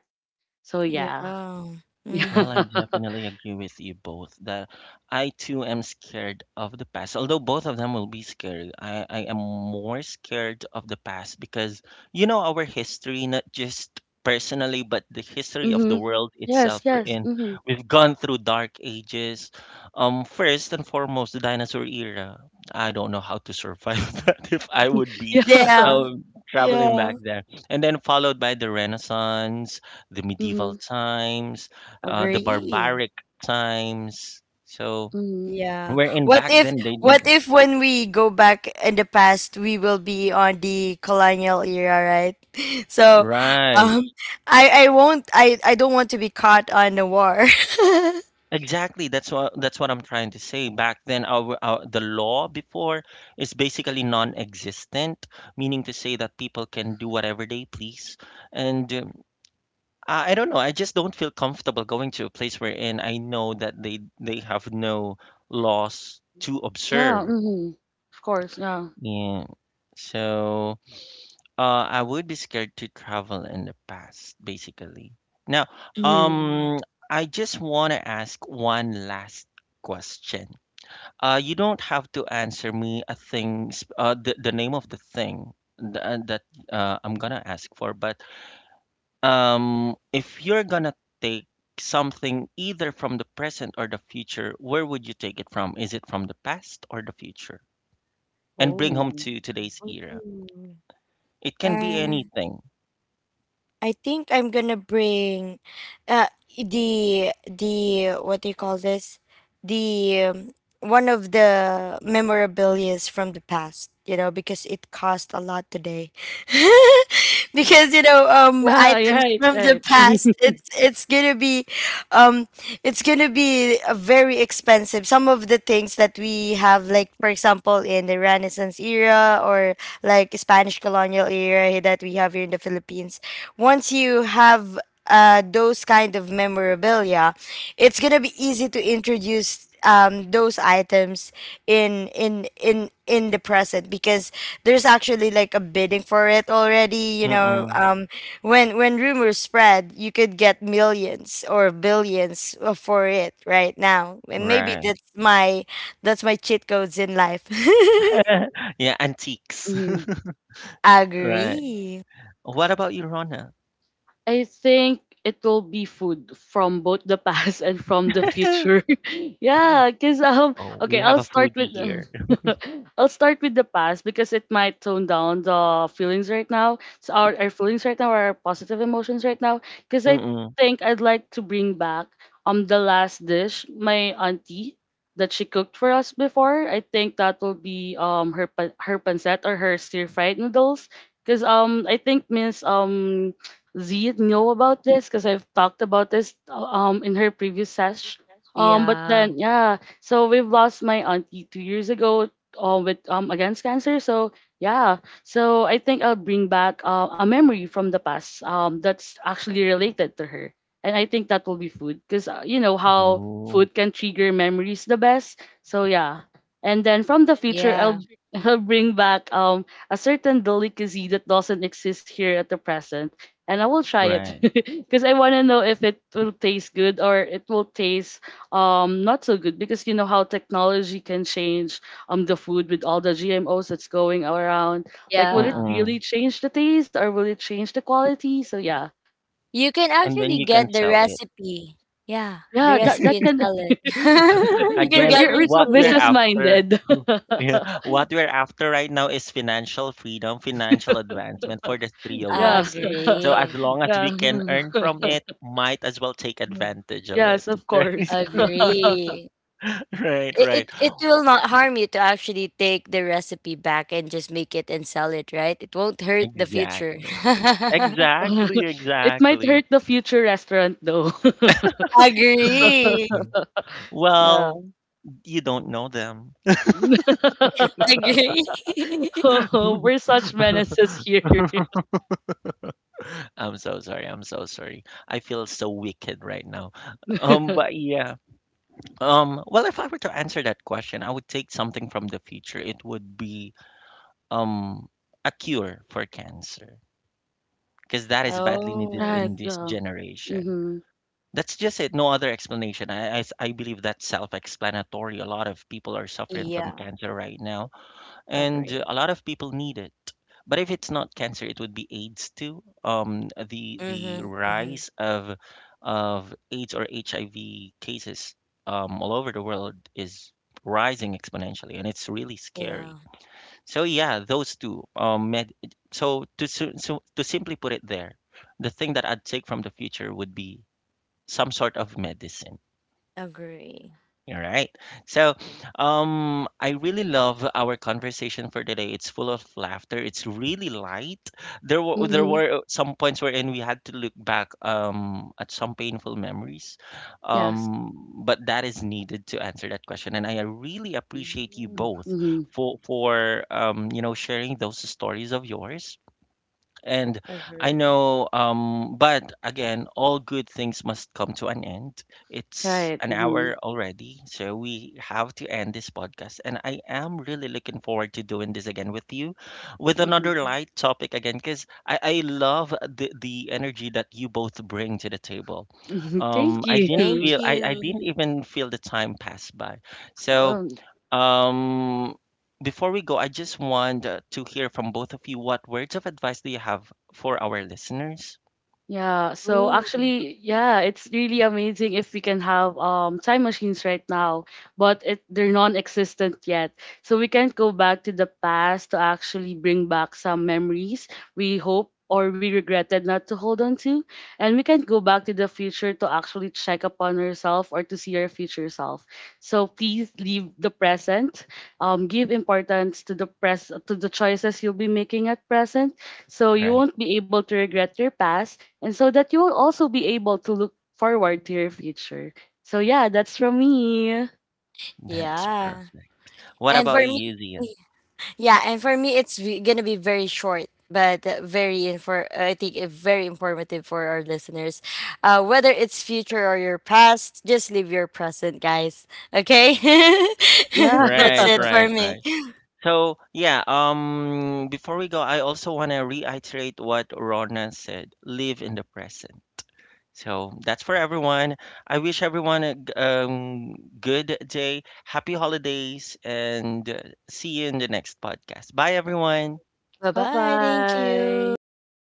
Speaker 2: So yeah.
Speaker 3: Yeah.
Speaker 2: Yeah,
Speaker 1: Well, I
Speaker 3: Mhm.
Speaker 1: definitely agree with you both that I too am scared of the past. Although both of them will be scary, I am more scared of the past because you know our history, not just personally, but the history of
Speaker 2: mm-hmm.
Speaker 1: the world
Speaker 2: Yes,
Speaker 1: itself we're
Speaker 2: yes,
Speaker 1: in.
Speaker 2: mm-hmm.
Speaker 1: We've gone through dark ages. First and foremost, the dinosaur era. I don't know how to survive that if I would be
Speaker 2: Yeah,
Speaker 3: Yeah.
Speaker 1: um, traveling
Speaker 3: Yeah.
Speaker 1: back there. And then followed by the Renaissance, the medieval
Speaker 2: mm-hmm.
Speaker 1: times the
Speaker 3: Agree.
Speaker 1: barbaric times. So
Speaker 2: Mm-hmm.
Speaker 3: Yeah.
Speaker 1: wherein
Speaker 3: What
Speaker 1: back
Speaker 3: if
Speaker 1: then they didn't.
Speaker 3: when we go back in the past we will be on the colonial era, right? So
Speaker 1: Right.
Speaker 3: um I don't want to be caught on the war.
Speaker 1: Exactly. That's what I'm trying to say. Back then, our the law before is basically non-existent, meaning to say that people can do whatever they please. And I don't know. I just don't feel comfortable going to a place wherein I know that they have no laws to
Speaker 2: Yeah,
Speaker 1: observe.
Speaker 2: mm-hmm. Of course, yeah,
Speaker 1: Yeah. So. I would be scared to travel in the past, basically. Now,
Speaker 2: mm-hmm.
Speaker 3: Ooh.
Speaker 1: um, I just want to ask one last question. You don't have to answer me a thing, the name of the thing that, I'm gonna ask for, but if you're gonna take something either from the present or the future, where would you take it from? Is it from the past or the future? And bring home
Speaker 2: Oh,
Speaker 1: to today's era. It can be
Speaker 3: Uh,
Speaker 1: anything.
Speaker 3: I think I'm gonna bring uh the what do you call this? The One of the memorabilias from the past, you know, because it cost a lot today. Because you know,
Speaker 2: yeah, yeah,
Speaker 3: items
Speaker 2: right,
Speaker 3: from the
Speaker 2: right.
Speaker 3: past, it's gonna be um it's going to be a very expensive. Some of the things that we have, like, for example, in the Renaissance era or like Spanish colonial era that we have here in the Philippines, once you have, those kind of memorabilia, it's going to be easy to introduce use those items in the present, because there's actually like a bidding for it already, you know.
Speaker 1: Mm-mm.
Speaker 3: When rumors spread, you could get millions or billions, for it right now. And maybe
Speaker 1: Right.
Speaker 3: that's my cheat codes in life.
Speaker 1: Yeah, antiques.
Speaker 2: Mm-hmm.
Speaker 1: Right.
Speaker 3: Agree.
Speaker 1: What about you, Rona?
Speaker 2: I think it will be food from both the past and from the future. Yeah, cause,
Speaker 1: Oh, we
Speaker 2: okay,
Speaker 1: have
Speaker 2: I'll
Speaker 1: a
Speaker 2: start
Speaker 1: foodie
Speaker 2: with
Speaker 1: here.
Speaker 2: I'll start with the past because it might tone down the feelings right now. So our feelings right now are positive emotions right now. Cause I
Speaker 1: Mm-mm.
Speaker 2: think I'd like to bring back the last dish my auntie that she cooked for us before. I think that will be her pancet or her stir fried noodles. Cause I think Miss Z know about this because I've talked about this in her previous sesh. But
Speaker 3: Yeah,
Speaker 2: then yeah, so we've lost my auntie 2 years ago with against cancer. So yeah, so I think I'll bring back a memory from the past that's actually related to her, and I think that will be food because, you know how
Speaker 1: Ooh,
Speaker 2: food can trigger memories the best. So yeah, and then from the future
Speaker 3: yeah,
Speaker 2: I'll I'll bring back a certain delicacy that doesn't exist here at the present. And I will try it
Speaker 1: right.
Speaker 2: because I want to know if it will taste good or it will taste not so good because you know how technology can change the food with all the GMOs that's going around. Like, will it
Speaker 3: yeah.
Speaker 1: Mm-mm.
Speaker 2: really change the taste or will it change the quality? So yeah,
Speaker 3: You can
Speaker 1: And then
Speaker 3: actually
Speaker 1: you can
Speaker 3: get the
Speaker 1: sell it.
Speaker 3: recipe. Yeah, the
Speaker 2: yeah, that
Speaker 3: recipe
Speaker 2: that
Speaker 3: and
Speaker 2: can.
Speaker 3: sell it. You can
Speaker 2: we're
Speaker 1: Again,
Speaker 3: get
Speaker 2: we're, we're so
Speaker 1: what we're
Speaker 3: rich.
Speaker 2: business
Speaker 1: after,
Speaker 2: minded.
Speaker 1: yeah, what we're after right now is financial freedom, financial advancement for the three of
Speaker 2: Yeah.
Speaker 1: us. So as
Speaker 3: Agree.
Speaker 1: long as
Speaker 2: Yeah.
Speaker 1: we can earn from it, might as well take advantage of it.
Speaker 2: Yes, of course.
Speaker 3: Agree.
Speaker 1: Right, right,
Speaker 3: It,
Speaker 1: right.
Speaker 3: it will not harm you to actually take the recipe back and just make it and sell it, right? It won't hurt the future.
Speaker 1: Exactly. Exactly,
Speaker 2: It might hurt
Speaker 1: exactly.
Speaker 2: the future restaurant though.
Speaker 3: Agree.
Speaker 2: Yeah.
Speaker 1: Well, you don't know them.
Speaker 3: Agree.
Speaker 2: Oh, we're such menaces here.
Speaker 1: I'm so sorry. I'm so sorry. I feel so wicked right now. But yeah. Well, if I were to answer that question, I would take something from the future. It would be um a cure for cancer because that is badly needed
Speaker 3: Oh,
Speaker 2: Right.
Speaker 1: in this
Speaker 2: Yeah.
Speaker 1: generation.
Speaker 2: Mm-hmm.
Speaker 1: That's just it. No other explanation. I believe that's self-explanatory. A lot of people are suffering from
Speaker 3: yeah,
Speaker 1: cancer right now, and
Speaker 3: agree.
Speaker 1: a lot of people need it. But if it's not cancer, it would be AIDS too. The
Speaker 3: Mm-hmm, mm-hmm.
Speaker 1: rise of AIDS or HIV cases all over the world is rising exponentially, and it's really
Speaker 3: Yeah,
Speaker 1: scary. So yeah, those two. So, to simply put it there, the thing that I'd take from the future would be some sort of medicine
Speaker 3: agree.
Speaker 1: all right. So, I really love our conversation for today. It's full of laughter. It's really light. There
Speaker 2: Mm-hmm.
Speaker 1: were some points wherein we had to look back at some painful memories,
Speaker 2: Yes.
Speaker 1: but that is needed to answer that question. And I really appreciate you
Speaker 2: Mm-hmm.
Speaker 1: both
Speaker 2: Mm-hmm.
Speaker 1: for you know sharing those stories of yours. And I
Speaker 3: Agree.
Speaker 1: know, but again, all good things must come to an end. It's
Speaker 2: Right.
Speaker 1: an
Speaker 2: Mm-hmm.
Speaker 1: hour already, so we have to end this podcast. And I am really looking forward to doing this again with you with another light topic again, because I love the energy that you both bring to the table.
Speaker 2: Mm-hmm. Thank you.
Speaker 3: Thank
Speaker 1: I didn't
Speaker 3: you.
Speaker 1: even feel the time pass by. So,
Speaker 2: Um,
Speaker 1: um, before we go, I just want to hear from both of you what words of advice do you have for our listeners?
Speaker 2: Yeah, so
Speaker 3: Ooh.
Speaker 2: actually, yeah, it's really amazing if we can have time machines right now, but it they're non-existent yet. So we can't go back to the past to actually bring back some memories we hope or we regretted not to hold on to, and we can't go back to the future to actually check upon ourselves or to see our future self. So please leave the present. Give importance to the pres to the choices you'll be making at present, so you
Speaker 1: Right.
Speaker 2: won't be able to regret your past and so that you will also be able to look forward to your future. So yeah, that's from me.
Speaker 1: That's
Speaker 3: Yeah.
Speaker 1: perfect. What
Speaker 3: And
Speaker 1: about
Speaker 3: for me,
Speaker 1: you, Zia?
Speaker 3: yeah, and for me, it's gonna be very short, but, very infor. I think, very informative for our listeners. Whether it's future or your past, just live your present, guys. Okay.
Speaker 2: Yeah.
Speaker 3: That's
Speaker 1: Right,
Speaker 3: it for
Speaker 1: right,
Speaker 3: me.
Speaker 1: right. So, yeah, before we go, I also want to reiterate what Rona said, live in the present. So that's for everyone. I wish everyone a good day, happy holidays, and see you in the next podcast. Bye, everyone.
Speaker 3: Bye
Speaker 2: Bye
Speaker 3: bye. Thank you.
Speaker 2: bye.